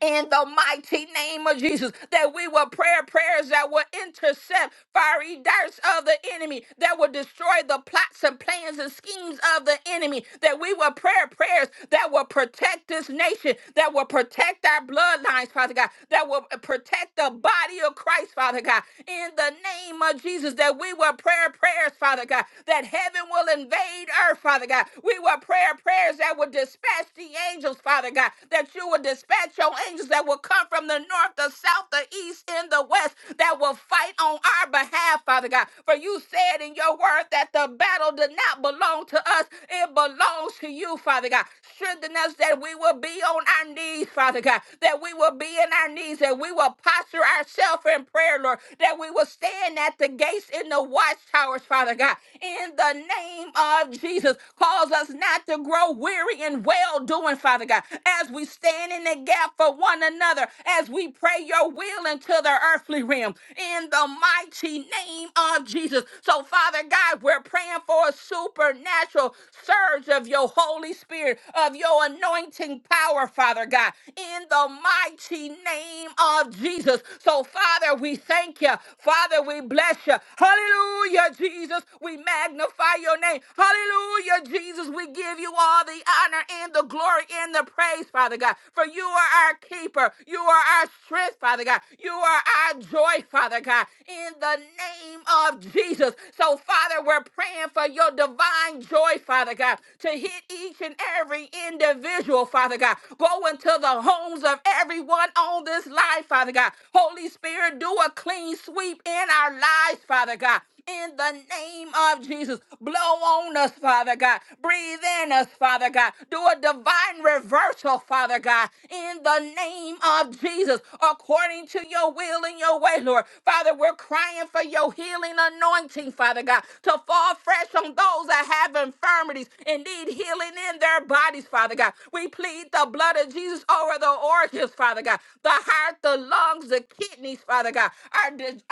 Speaker 5: in the mighty name of Jesus, that we will pray prayers that will intercept fiery darts of the enemy, that will destroy the plots and plans and schemes of the enemy, that we will pray prayers that will protect this nation, that will protect our bloodlines, Father God, that will protect the body of Christ, Father God, in the name of Jesus, that we will pray prayers, Father God, that heaven will invade earth, Father God. We will pray prayers that will dispatch the angels angels, Father God, that you will dispatch your angels that will come from the north, the south, the east, and the west that will fight on our behalf, Father God. For you said in your word that the battle did not belong to us, it belongs to you, Father God. Strengthen us that we will be on our knees, Father God, that we will be in our knees, that we will posture ourselves in prayer, Lord, that we will stand at the gates in the watchtowers, Father God. In the name of Jesus, cause us not to to grow weary in well doing, Father God, as we stand in the gap for one another, as we pray your will into the earthly realm, in the mighty name of Jesus. So, Father God, we're praying for a supernatural surge of your Holy Spirit, of your anointing power, Father God, in the mighty name of Jesus. So, Father, we thank you. Father, we bless you. Hallelujah, Jesus. We magnify your name name. Hallelujah, Jesus. We give you all the honor and the glory and the praise, Father God. For you are our keeper. You are our strength, Father God. You are our joy, Father God. In the name of Jesus. So, Father, we're praying for your divine joy, Father God, to hit each and every individual, Father God. Go into the homes of everyone on this life, Father God. Holy Spirit, do a clean sweep in our lives, Father God in the name of Jesus. Blow on us, Father God. Breathe in us, Father God. Do a divine reversal, Father God, in the name of Jesus, according to your will and your way, Lord. Father, we're crying for your healing anointing, Father God, to fall fresh on those that have infirmities and need healing in their bodies, Father God. We plead the blood of Jesus over the organs, Father God, the heart, the lungs, the kidneys, Father God, our, dis-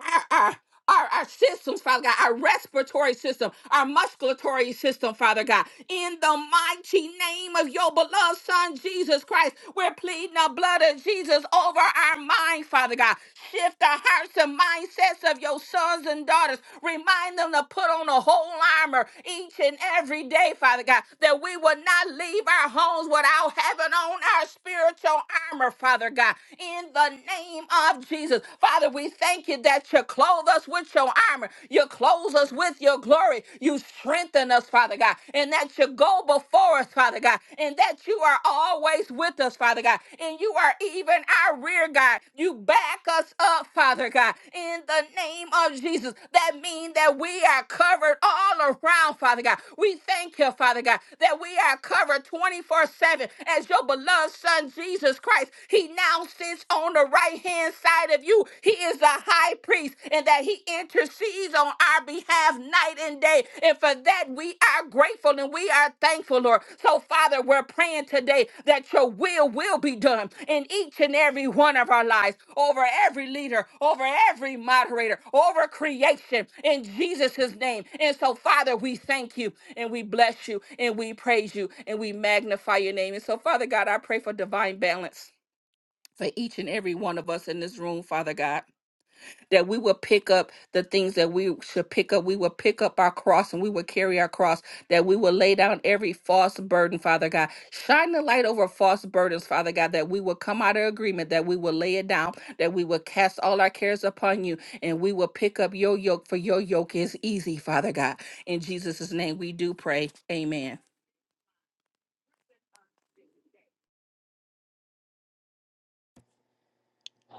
Speaker 5: our, our, our, our systems, Father God, our respiratory system, our musculatory system, Father God. In the mighty name of your beloved Son, Jesus Christ, we're pleading the blood of Jesus over our mind, Father God. Shift the hearts and mindsets of your sons and daughters. Remind them to put on the whole armor each and every day, Father God, that we will not leave our homes without having on our spiritual armor, Father God. In the name of Jesus, Jesus. Father, we thank you that you clothe us with your armor. You clothe us with your glory. You strengthen us, Father God, and that you go before us, Father God, and that you are always with us, Father God, and you are even our rear guard. You back us up, Father God, in the name of Jesus. That means that we are covered all around, Father God. We thank you, Father God, that we are covered 24 7 as your beloved Son, Jesus Christ. He now sits on on the right hand side of you. He is the high priest and that he intercedes on our behalf night and day. And for that, we are grateful and we are thankful, Lord. So, Father, we're praying today that your will will be done in each and every one of our lives, over every leader, over every moderator, over creation, in Jesus' name. And so, Father, we thank you and we bless you and we praise you and we magnify your name. And so, Father God, I pray for divine balance for each and every one of us in this room, Father God, that we will pick up the things that we should pick up. We will pick up our cross and we will carry our cross, that we will lay down every false burden, Father God. Shine the light over false burdens, Father God, that we will come out of agreement, that we will lay it down, that we will cast all our cares upon you, and we will pick up your yoke, for your yoke is easy, Father God. In Jesus' name we do pray. Amen.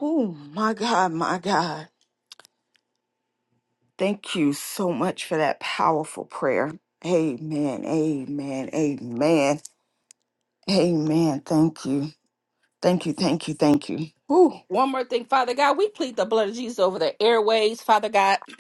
Speaker 2: Oh, my God, my God. Thank you so much for that powerful prayer. Amen. Amen. Amen. Amen. Thank you. Thank you. Thank you. Thank you. Woo.
Speaker 5: One more thing, Father God, we plead the blood of Jesus over the airways, Father God.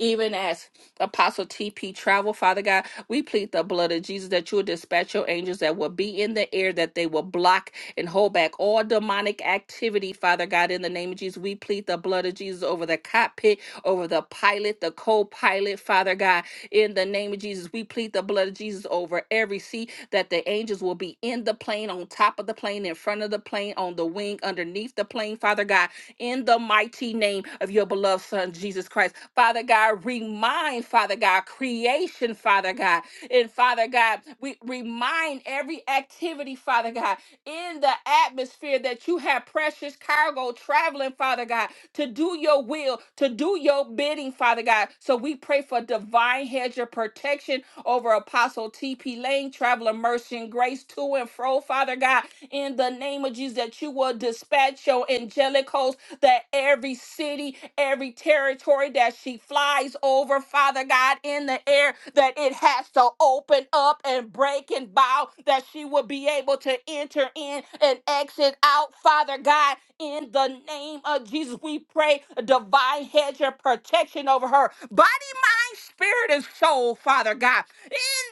Speaker 5: Even as Apostle TP travel, Father God, we plead the blood of Jesus that you will dispatch your angels that will be in the air, that they will block and hold back all demonic activity, Father God, in the name of Jesus. We plead the blood of Jesus over the cockpit, over the pilot, the co pilot, Father God, in the name of Jesus. We plead the blood of Jesus. Jesus over every sea, that the angels will be in the plane, on top of the plane, in front of the plane, on the wing, underneath the plane, Father God, in the mighty name of your beloved Son, Jesus Christ. Father God, remind, Father God, creation, Father God, and Father God, we remind every activity, Father God in the atmosphere that you have precious cargo traveling, Father God, to do your will, to do your bidding, Father God. So we pray for divine hedge of protection over Apostle TP Lane, traveler mercy and grace to and fro, Father God, in the name of Jesus, that you will dispatch your angelic host that every city, every territory that she flies over, Father God, in the air, that it has to open up and break and bow, that she will be able to enter in and exit out, Father God, in the name of Jesus. We pray a divine hedge of protection over her body, mind, spirit, and soul, Father God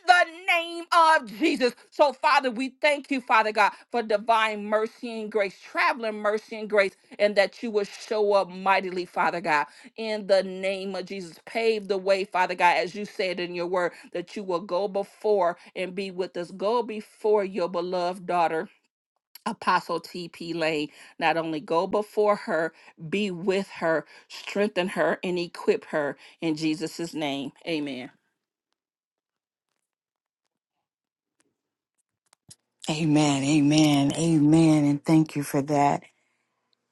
Speaker 5: the name of Jesus. So, Father, we thank you, Father God, for divine mercy and grace, traveling mercy and grace, and that you will show up mightily, Father God, in the name of Jesus. Pave the way, Father God, as you said in your word, that you will go before and be with us. Go before your beloved daughter. Apostle TP Lane, not only go before her, be with her, strengthen her, and equip her in Jesus' name. Amen.
Speaker 2: Amen. Amen. Amen. And thank you for that.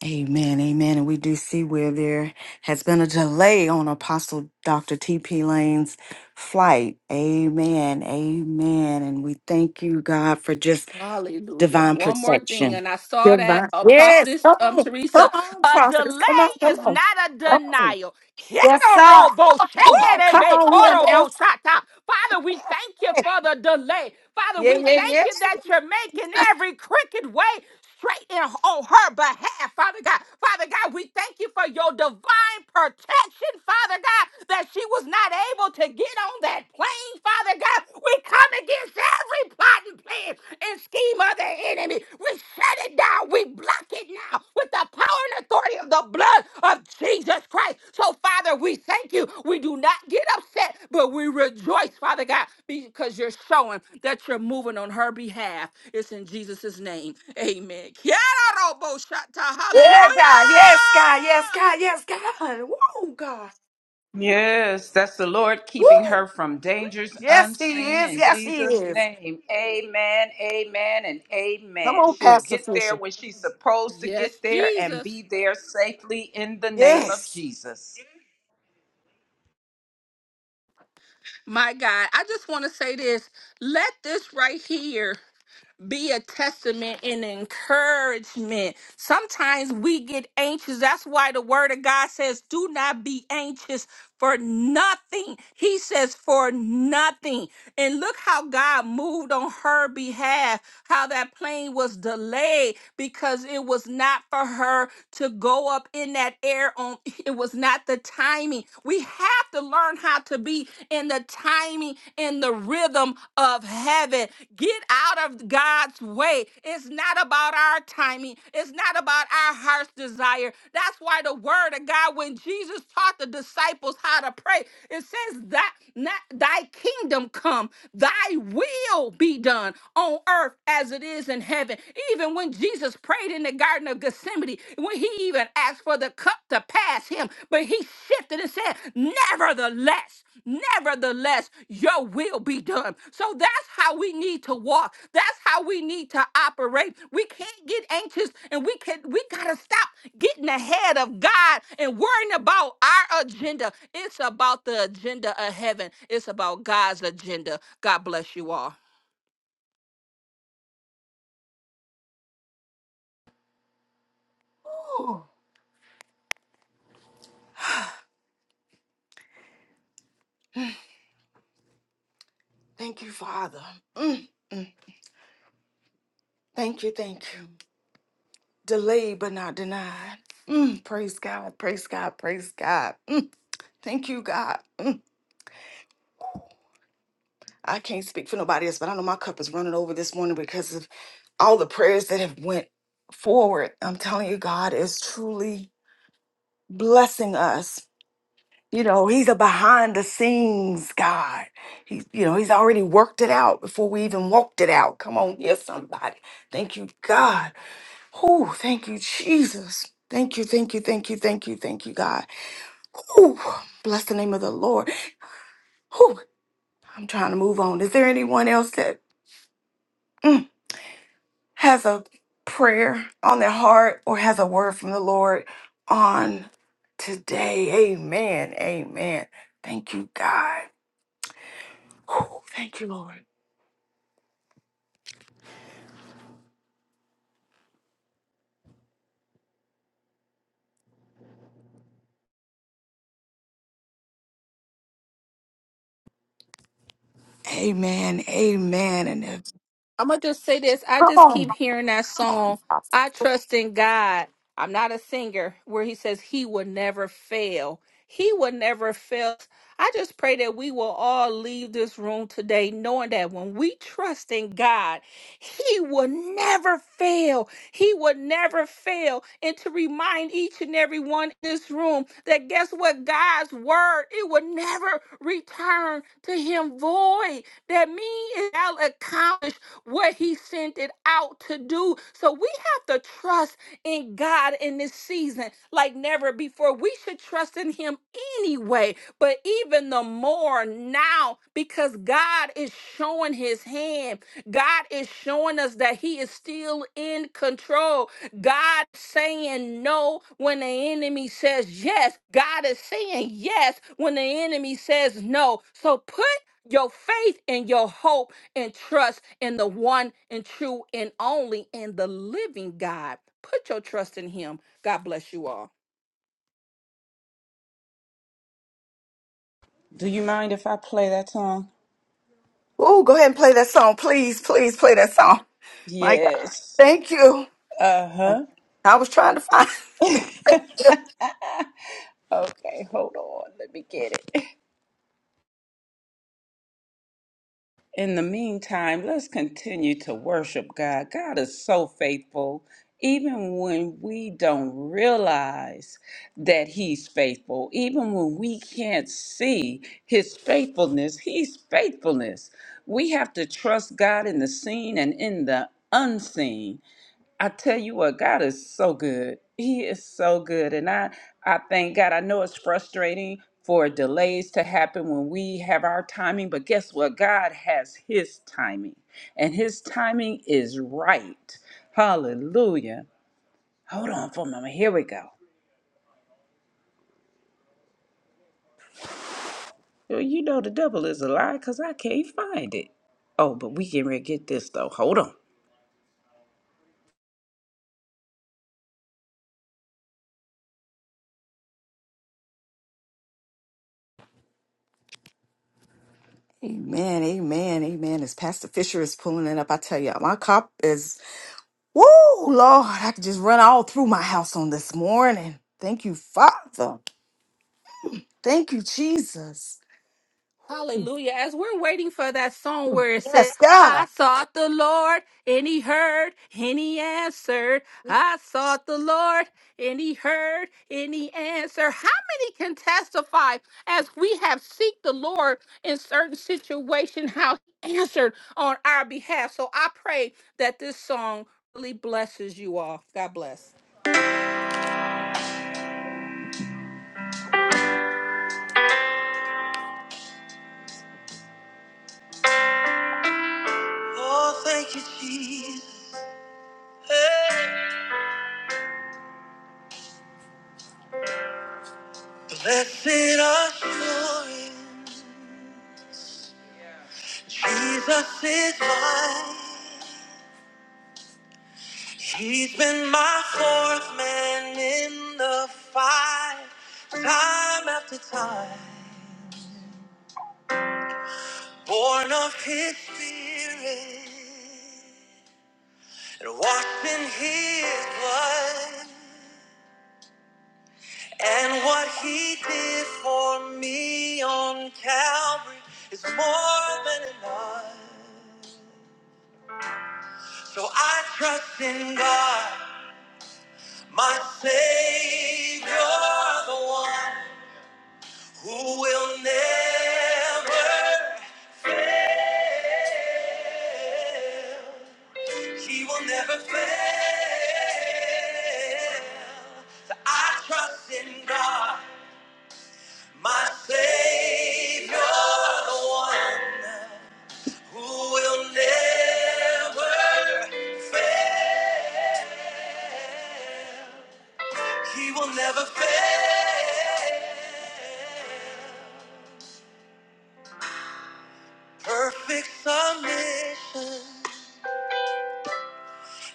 Speaker 2: Amen. Amen. And we do see where there has been a delay on Apostle Dr. T.P. Lane's flight. Amen. Amen. And we thank you, God, for just
Speaker 5: Hallelujah.
Speaker 2: divine
Speaker 5: One more thing,
Speaker 2: protection.
Speaker 5: and I saw that
Speaker 2: Divine.
Speaker 5: uh,
Speaker 2: Yes.
Speaker 5: prophetess
Speaker 2: Come
Speaker 5: um
Speaker 2: on. Come
Speaker 5: Teresa.
Speaker 2: on,
Speaker 5: A
Speaker 2: prophetess. Come on.
Speaker 5: delay
Speaker 2: Come
Speaker 5: is
Speaker 2: on.
Speaker 5: not a
Speaker 2: Come on.
Speaker 5: denial.
Speaker 2: Yes, sir.
Speaker 5: Kerorobo
Speaker 2: Come on. Come
Speaker 5: shenderebe
Speaker 2: on here now.
Speaker 5: korobo shata. Father, we thank you for the delay. Father,
Speaker 2: Yeah,
Speaker 5: we
Speaker 2: yeah,
Speaker 5: thank
Speaker 2: yeah.
Speaker 5: you that you're making every crooked way straight in on her behalf, Father God. Father God, we thank you for your divine protection, Father God, that she was not able to get on that plane, Father God. We come against every plot and plan and scheme of the enemy. We shut it down. We block it now with the power and authority of the blood of Jesus Christ. So, Father, we thank you. We do not get upset, but we rejoice, Father God, because you're showing that you're moving on her behalf. It's in Jesus' name. Amen. Kia ora, Robo Shata. Hallelujah.
Speaker 2: Yeah, God. Yes, God. Yes, God. Yes, God. Woo, God.
Speaker 6: Yes, that's the Lord keeping
Speaker 2: Woo.
Speaker 6: her from dangers
Speaker 2: Yes, he
Speaker 6: unseen
Speaker 2: is.
Speaker 6: in
Speaker 2: Yes, he
Speaker 6: Jesus'
Speaker 2: is.
Speaker 6: name. Amen, amen, and
Speaker 2: Come
Speaker 6: amen.
Speaker 2: on,
Speaker 6: She'll
Speaker 2: Pastor
Speaker 6: get there
Speaker 2: Fisher.
Speaker 6: when she's supposed to
Speaker 5: Yes,
Speaker 6: get there and
Speaker 5: Jesus.
Speaker 6: be there safely in the name of
Speaker 2: Yes.
Speaker 6: Jesus.
Speaker 5: My God, I just want to say this. Let this right here be a testament and encouragement. Sometimes we get anxious. That's why the word of God says, do not be anxious for nothing. He says, for nothing. And look how God moved on her behalf, how that plane was delayed because it was not for her to go up in that air on it was not the timing. We have to learn how how to be in the timing in the rhythm of heaven. Get out of God's way. It's not about our timing, it's not about our heart's desire. That's why the word of God, when Jesus taught the disciples how to pray, it says that not thy kingdom come, thy will be done on earth as it is in heaven. Even when Jesus prayed in the Garden of Gethsemane, calamity when he even asked for the cup to pass him. But he shifted and said, Nevertheless, nevertheless, your will be done. So that's how we need to walk. That's how we need to operate. We can't get anxious and we can we gotta stop getting ahead of God and worrying about our agenda. It's about the agenda of heaven. It's about God's agenda. God bless you all.
Speaker 2: Thank you, Father. Mm, mm. Thank you. Thank you. Delayed but not denied. Mm, praise God. Praise God. Praise God. Mm, thank you, God. I can't speak for nobody else, but I know my cup is running over this morning because of all the prayers that have went forward. I'm telling you, God is truly blessing us. You know, He's a behind the scenes God. He, you know, He's already worked it out before we even walked it out. Come on, yes, somebody. Thank you, God. Oh, thank you, Jesus. Thank you, thank you, thank you, thank you, thank you, God. Ooh, bless the name of the Lord. Ooh, I'm trying to move on. Is there anyone else that? mm, has a prayer on their heart or has a word from the Lord on today. Amen. Amen. Thank you, God. Whew, thank you, Lord. Amen. Amen. And if,
Speaker 5: I'm gonna just say this. I
Speaker 2: come
Speaker 5: just
Speaker 2: on.
Speaker 5: keep hearing that song. I trust in God. I'm not a singer where he says he will never fail. He will never fail. I just pray that we will all leave this room today knowing that when we trust in God, he will never fail. He will never fail. And to remind each and every one in this room that guess what? God's word, it will never return to him void that mean is now accomplished what he sent it out to do. So we have to trust in God in this season like never before. We should trust in him anyway, but even the more now because God is showing his hand. God is showing us that he is still in control. God saying no when the enemy says yes. God is saying yes when the enemy says no. So put your faith and your hope and trust in the one and true and only and the living God. Put your trust in Him. God bless you all.
Speaker 6: Do you mind if I play that song?
Speaker 2: Oh, go ahead and play that song. Please, please play that song. My God.
Speaker 6: Yes.
Speaker 2: Thank you.
Speaker 6: Uh huh.
Speaker 2: I was trying to find.
Speaker 6: Okay, hold on. Let me get it. In the meantime, let's continue to worship God. God is so faithful, even when we don't realize that He's faithful, even when we can't see His faithfulness, He's faithfulness. We have to trust God in the seen and in the unseen. I tell you what, God is so good. He is so good. And I, I thank God. I know it's frustrating for delays to happen when we have our timing, but guess what? God has his timing, and his timing is right. Hallelujah. Hold on for a moment. Here we go. Well, you know the devil is a lie because I can't find it. Oh, but we can get this though. Hold on.
Speaker 2: Amen, amen, amen. As Pastor Fisher is pulling it up, I tell you, my cup is. Woo, Lord, I could just run all through my house on this morning. Thank you, Father. Thank you, Jesus.
Speaker 5: Hallelujah. As we're waiting for that song where it says,
Speaker 2: Yes, God.
Speaker 5: I sought the Lord and he heard and he answered. I sought the Lord and he heard and he answered. How many can testify as we have seek the Lord in certain situation how he answered on our behalf? So I pray that this song really blesses you all. God bless.
Speaker 6: Oh, thank you, Jesus. Hey. Blessed assurance. Jesus is mine. He's been my fourth man in the fight, time after time. Born of his spirit and washed in his blood. And what he did for me on Calvary is more than enough. So I trust in God. My Savior, the one who will never fail. He will never fail. So I trust in God, my Savior, the one who will never fail. He will never fail. Perfect submission,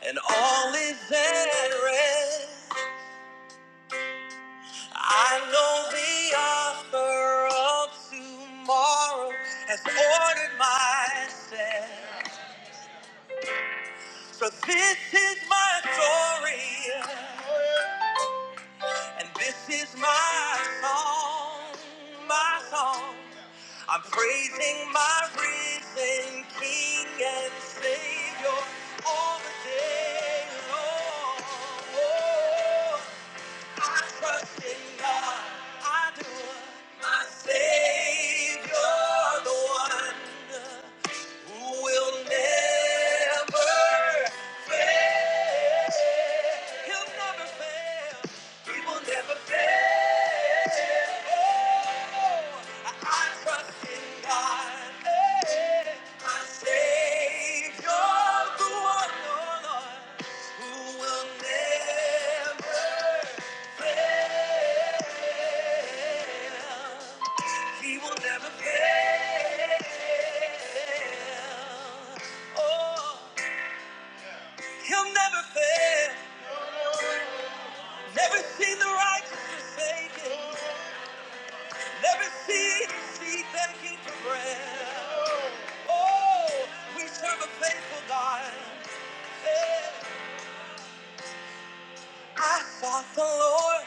Speaker 6: and all is at rest. I know the author of tomorrow has ordered my steps. So this is my story. And this is my song, my song. I'm praising my risen King and Savior all the day long. Oh, I trust in God, I do. My Savior, the one who will never fail. He'll never fail. He will never fail. Oh, I trust in God, eh, my Savior, the one, oh Lord, who will never fail. He will never fail. Oh, he'll never fail. Never seen the righteous forsaken. Never seen the seed begging for bread. Oh, we serve a faithful God. Yeah. I sought the Lord,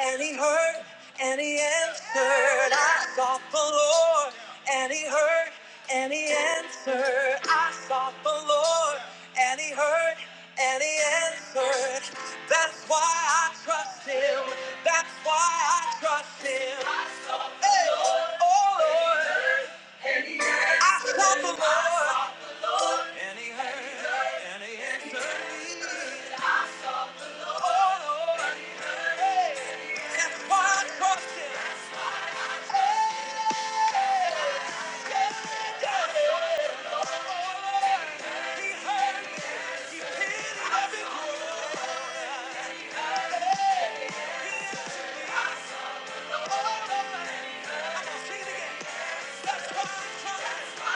Speaker 6: and He heard, and He answered. I sought the Lord, and He heard, and He answered. I sought the Lord, and He heard, and He answered. That's why I trust Him. That's why I trust Him. Hey, Oh Lord, Lord, I I've I'll trust trust the and and And He He He He He He heard heard heard answered answered me. me. why why Him? Him? Hey, He heard me. He pitied every word. Sing it again. That's why I trust Him.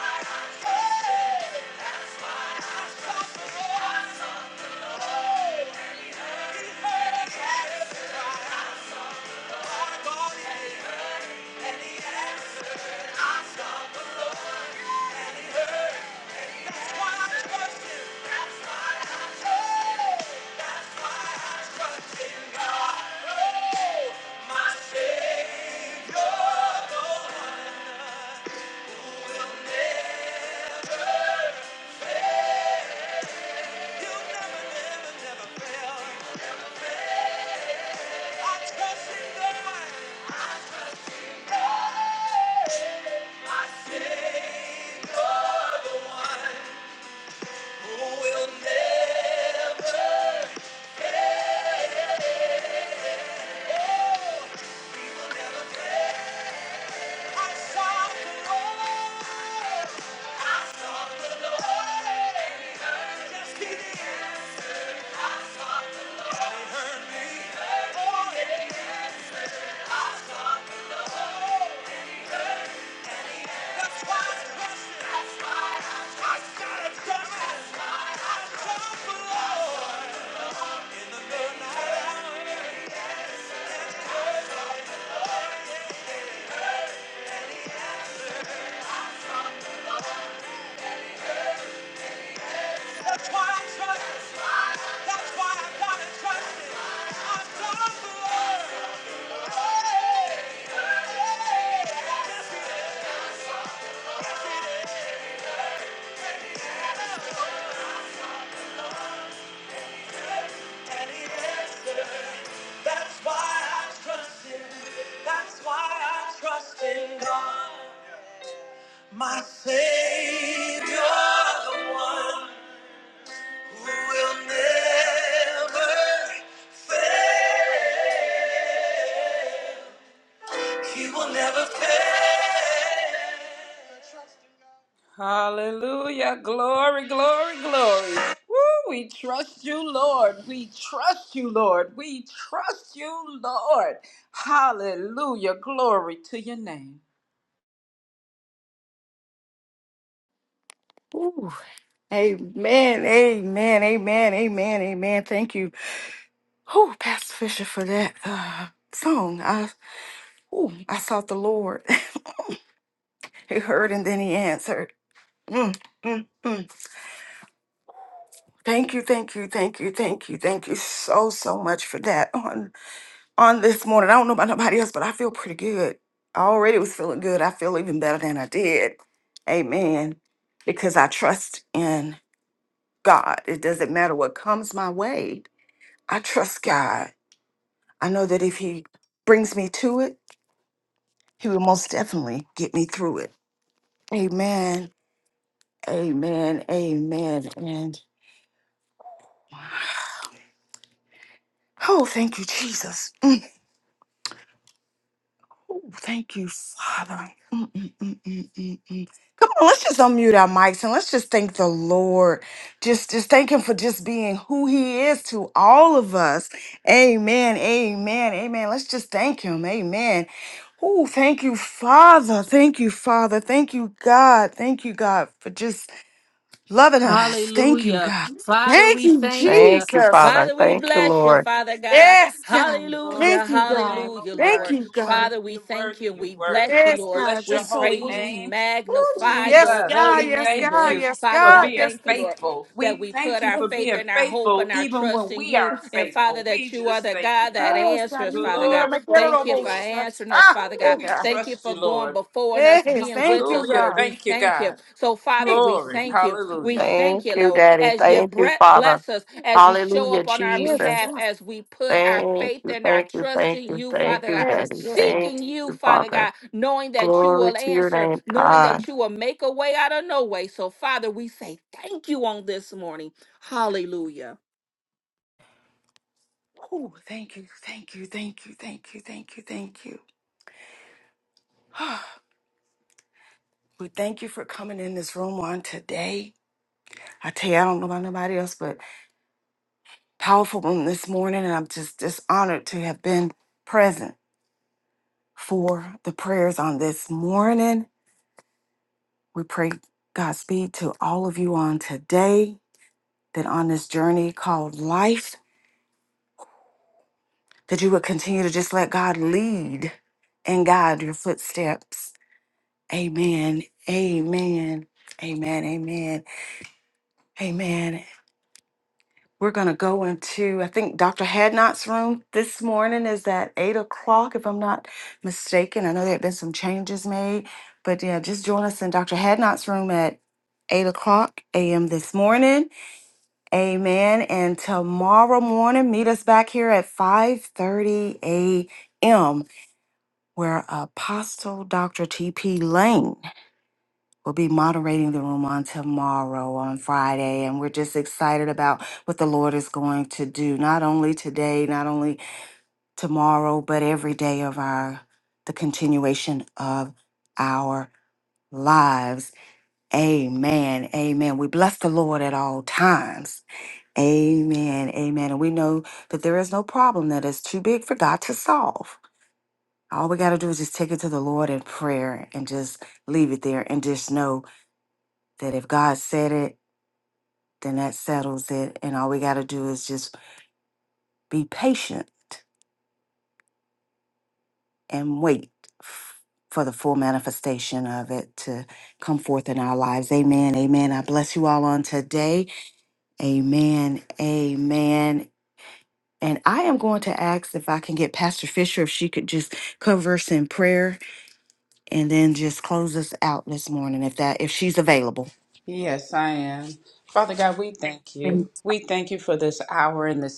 Speaker 6: He heard me. my God, He heard, and He answered my Savior. You Never, never, never fail. I trust in the Lord. That's why I gotta trust. Trust the Lord. That's why I trust him. That's why I gotta trust him. I'm done for love. And he That's why I trust him. That's why I trust in God. My Savior, the one who will never fail. He will never fail. Hallelujah. Glory, glory, glory. Woo, we trust you, Lord. We trust you, Lord. We trust you, Lord. Hallelujah. Glory to your name.
Speaker 2: Ooh, amen, amen, amen, amen, amen. Thank you, Ooh, Pastor Fisher, for that uh, song. I, ooh, I sought the Lord. he heard and then he answered. Mm, mm, mm. Thank you, thank you, thank you, thank you, thank you so, so much for that. on this morning. I don't know about nobody else, but I feel pretty good. I already was feeling good. I feel even better than I did. Amen. Because I trust in God. It doesn't matter what comes my way. I trust God. I know that if He brings me to it, He will most definitely get me through it. Amen. Amen. Amen. And oh, thank you, Jesus. Ooh, Thank you, Father. Mm, mm, mm, mm, mm, mm. Come on, let's just unmute our mics and let's just thank the Lord. Just, just thank Him for just being who He is to all of us. Amen. Amen. Amen. Let's just thank Him. Amen. Oh, thank you, Father. Thank you, Father. Thank you, God. Thank you, God, for just loving us. Thank you,
Speaker 5: Hallelujah.
Speaker 2: God. Thank,
Speaker 5: Father, we thank you.
Speaker 1: Thank you, Father.
Speaker 5: Father, we
Speaker 1: Thank you,
Speaker 5: bless
Speaker 1: Lord.
Speaker 5: you, Father
Speaker 2: Yes.
Speaker 5: God.
Speaker 2: thank,
Speaker 6: Glory
Speaker 5: Hallelujah.
Speaker 6: to your
Speaker 2: God,
Speaker 6: name, oh
Speaker 5: Hallelujah,
Speaker 2: thank-
Speaker 6: God.
Speaker 5: Lord.
Speaker 6: You're
Speaker 2: God,
Speaker 6: worthy,
Speaker 5: Father, we
Speaker 6: you're
Speaker 5: thank
Speaker 6: worthy,
Speaker 5: you.
Speaker 6: you're
Speaker 5: We
Speaker 6: worthy.
Speaker 5: bless you,
Speaker 2: yes,
Speaker 6: We
Speaker 5: Lord.
Speaker 2: God,
Speaker 6: bless your
Speaker 5: We
Speaker 2: just so
Speaker 6: holy
Speaker 5: praise, we
Speaker 6: name. Woo,
Speaker 5: magnify
Speaker 2: yes,
Speaker 5: your
Speaker 6: Jesus,
Speaker 2: yes,
Speaker 5: holy
Speaker 6: we
Speaker 5: name,
Speaker 6: thank
Speaker 5: Lord.
Speaker 6: you
Speaker 5: Father,
Speaker 6: for
Speaker 5: we
Speaker 2: God,
Speaker 6: being
Speaker 2: yes.
Speaker 5: thank you, Lord.
Speaker 2: yes.
Speaker 6: faithful.
Speaker 5: That
Speaker 6: We
Speaker 5: we
Speaker 6: thank
Speaker 5: put
Speaker 6: you
Speaker 5: our
Speaker 6: for
Speaker 5: faith
Speaker 6: being
Speaker 5: and our hope
Speaker 6: faithful
Speaker 5: and our
Speaker 6: even
Speaker 5: trust
Speaker 6: when
Speaker 5: in
Speaker 6: we
Speaker 5: you.
Speaker 6: aren't
Speaker 5: And Father,
Speaker 6: faithful.
Speaker 5: that
Speaker 6: We
Speaker 5: you are
Speaker 6: just
Speaker 5: the
Speaker 6: thank you,
Speaker 5: God that
Speaker 6: God.
Speaker 2: Yes, God.
Speaker 5: answers,
Speaker 2: You
Speaker 5: Father
Speaker 2: come to the
Speaker 5: God.
Speaker 6: Glory,
Speaker 2: material
Speaker 5: Thank
Speaker 6: glory,
Speaker 2: of
Speaker 5: you
Speaker 2: all
Speaker 5: for
Speaker 6: glory.
Speaker 2: shirts.
Speaker 5: answering us,
Speaker 2: Ah,
Speaker 5: Father
Speaker 2: yeah,
Speaker 5: God.
Speaker 6: We
Speaker 2: God.
Speaker 5: Thank you
Speaker 6: trust
Speaker 5: for
Speaker 6: you,
Speaker 5: going
Speaker 6: Lord.
Speaker 5: before us,
Speaker 2: Yes,
Speaker 5: being
Speaker 2: thank
Speaker 5: with
Speaker 2: you,
Speaker 5: us,
Speaker 6: Hallelujah.
Speaker 5: Lord.
Speaker 2: God.
Speaker 5: We
Speaker 6: Thank you,
Speaker 5: thank you.
Speaker 6: God.
Speaker 5: So, Father,
Speaker 2: Thank
Speaker 5: we
Speaker 2: you.
Speaker 6: Glory.
Speaker 5: thank
Speaker 2: Jesus.
Speaker 5: you. We
Speaker 6: Hallelujah.
Speaker 5: thank
Speaker 1: Thank
Speaker 5: you,
Speaker 1: you,
Speaker 5: Lord,
Speaker 1: Daddy.
Speaker 5: as you
Speaker 1: Thank you,
Speaker 5: bre-
Speaker 1: Father.
Speaker 5: bless us, as you show
Speaker 1: Hallelujah,
Speaker 5: up on our
Speaker 2: Yes,
Speaker 1: Jesus.
Speaker 5: behalf,
Speaker 2: yes,
Speaker 5: as we put our
Speaker 1: Thank
Speaker 5: faith
Speaker 1: you,
Speaker 5: and our
Speaker 1: thank you,
Speaker 5: trust
Speaker 1: thank
Speaker 5: in
Speaker 1: you,
Speaker 5: you,
Speaker 1: thank
Speaker 5: Father
Speaker 1: you,
Speaker 5: God,
Speaker 2: yes,
Speaker 1: Daddy.
Speaker 2: God.
Speaker 1: Thank
Speaker 5: seeking you,
Speaker 1: you,
Speaker 5: Father
Speaker 1: Father.
Speaker 5: God, knowing that you
Speaker 1: Glory
Speaker 5: will
Speaker 1: to your
Speaker 5: answer,
Speaker 1: name,
Speaker 5: knowing
Speaker 1: God.
Speaker 5: that you will make a way out of no way. So, Father, we say thank you on this morning. Hallelujah.
Speaker 2: Oh, thank you, thank you, thank you, thank you, thank you, thank you. we thank you for coming in this room on today. I tell you, I don't know about nobody else, but powerful room this morning, and I'm just just honored to have been present for the prayers on this morning. We pray Godspeed to all of you on today. That on this journey called life that you would continue to just let God lead and guide your footsteps. Amen. Amen. Amen. Amen. Amen. We're going to go into, I think, Dr. Hadnot's room this morning is at 8 o'clock, if I'm not mistaken. I know there have been some changes made, but yeah, just join us in Dr. Hadnot's room at 8 o'clock a.m. this morning. Amen. And tomorrow morning, meet us back here at 5.30 a.m. where Apostle Dr. T.P. Lane will be moderating the room on tomorrow, on Friday. And we're just excited about what the Lord is going to do, not only today, not only tomorrow, but every day of our, the continuation of our lives. Amen. Amen. We bless the Lord at all times. Amen. Amen. And we know that there is no problem that is too big for God to solve. All we got to do is just take it to the Lord in prayer and just leave it there and just know that if God said it, then that settles it. And all we got to do is just be patient and wait f- for the full manifestation of it to come forth in our lives. Amen. Amen. I bless you all on today. Amen. Amen. And I am going to ask if I can get Pastor Fisher if she could just cover us in prayer and then just close us out this morning if that if she's available.
Speaker 6: Yes, I am. Father God, we do you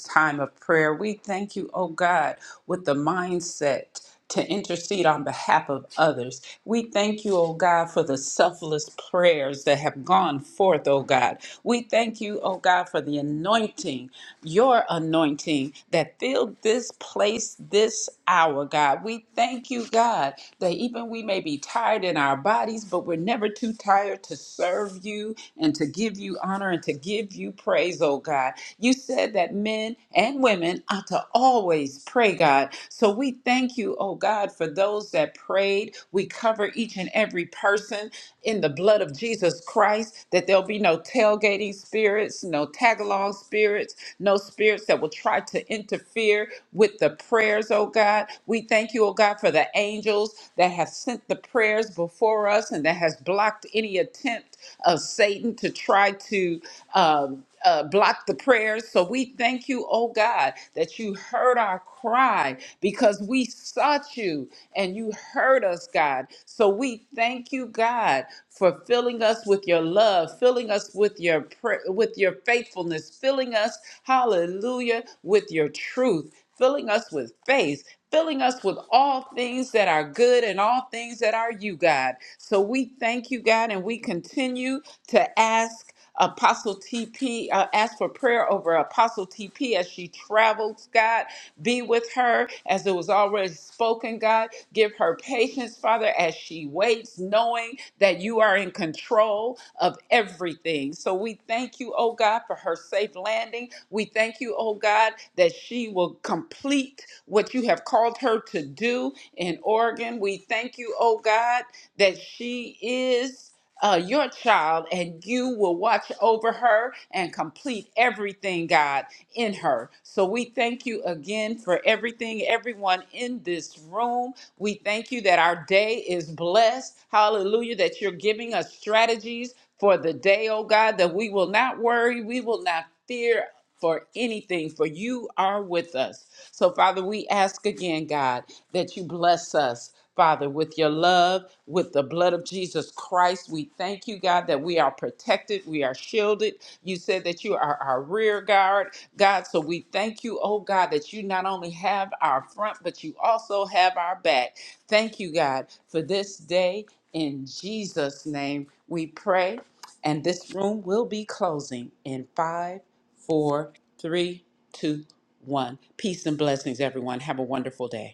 Speaker 6: prayer. We thank you, oh God, with the mindset to intercede on behalf of others. We thank you, oh God, for the selfless prayers that have gone forth, oh God. We thank you, oh God, for the anointing, your anointing that filled this place this hour, God. We thank you, God, that even we may be tired in our bodies, but we're never too tired to serve you and to give you honor and to give you praise, oh God. You said that men and women ought to always pray, God. So we thank you, oh God, for those that prayed. We cover each and every person in the blood of Jesus Christ, that there'll be no tailgating spirits, no tagalong spirits, no spirits that will try to interfere with the prayers, oh God. We thank you, oh God, for the angels that have sent the prayers before us and that has blocked any attempt of Satan to try to. Um, uh, block the prayers. So we thank you, oh God, that you heard our cry because we sought you and you heard us, God. So we thank you, God, for filling us with your love, filling us with your pra- with your faithfulness, filling us, hallelujah, with your truth, filling us with faith. Filling us with all things that are good and all things that are you, God. So we thank you, God, and we continue to ask Apostle TP, uh, ask for prayer over Apostle TP as she travels, God. Be with her as it was already spoken, God. Give her patience, Father, as she waits, knowing that you are in control of everything. So we thank you, oh God, for her safe landing. We thank you, oh God, that she will complete what you have called her to do in Oregon. We thank you, oh God, that she is uh, your child and you will watch over her and complete everything, God, in her. So we thank you again for everything, everyone in this room. We thank you that our day is blessed. Hallelujah, that you're giving us strategies for the day, oh God, that we will not worry, we will not fear for anything, for you are with us. So, Father, we ask again, God, that you bless us. Father, with your love, with the blood of Jesus Christ, we thank you, God, that we are protected, we are shielded. You said that you are our rear guard, God. So we thank you, oh God, that you not only have our front, but you also have our back. Thank you, God, for this day. In Jesus' name, we pray. And this room will be closing in five, four, three, two, one. Peace and blessings, everyone. Have a wonderful day.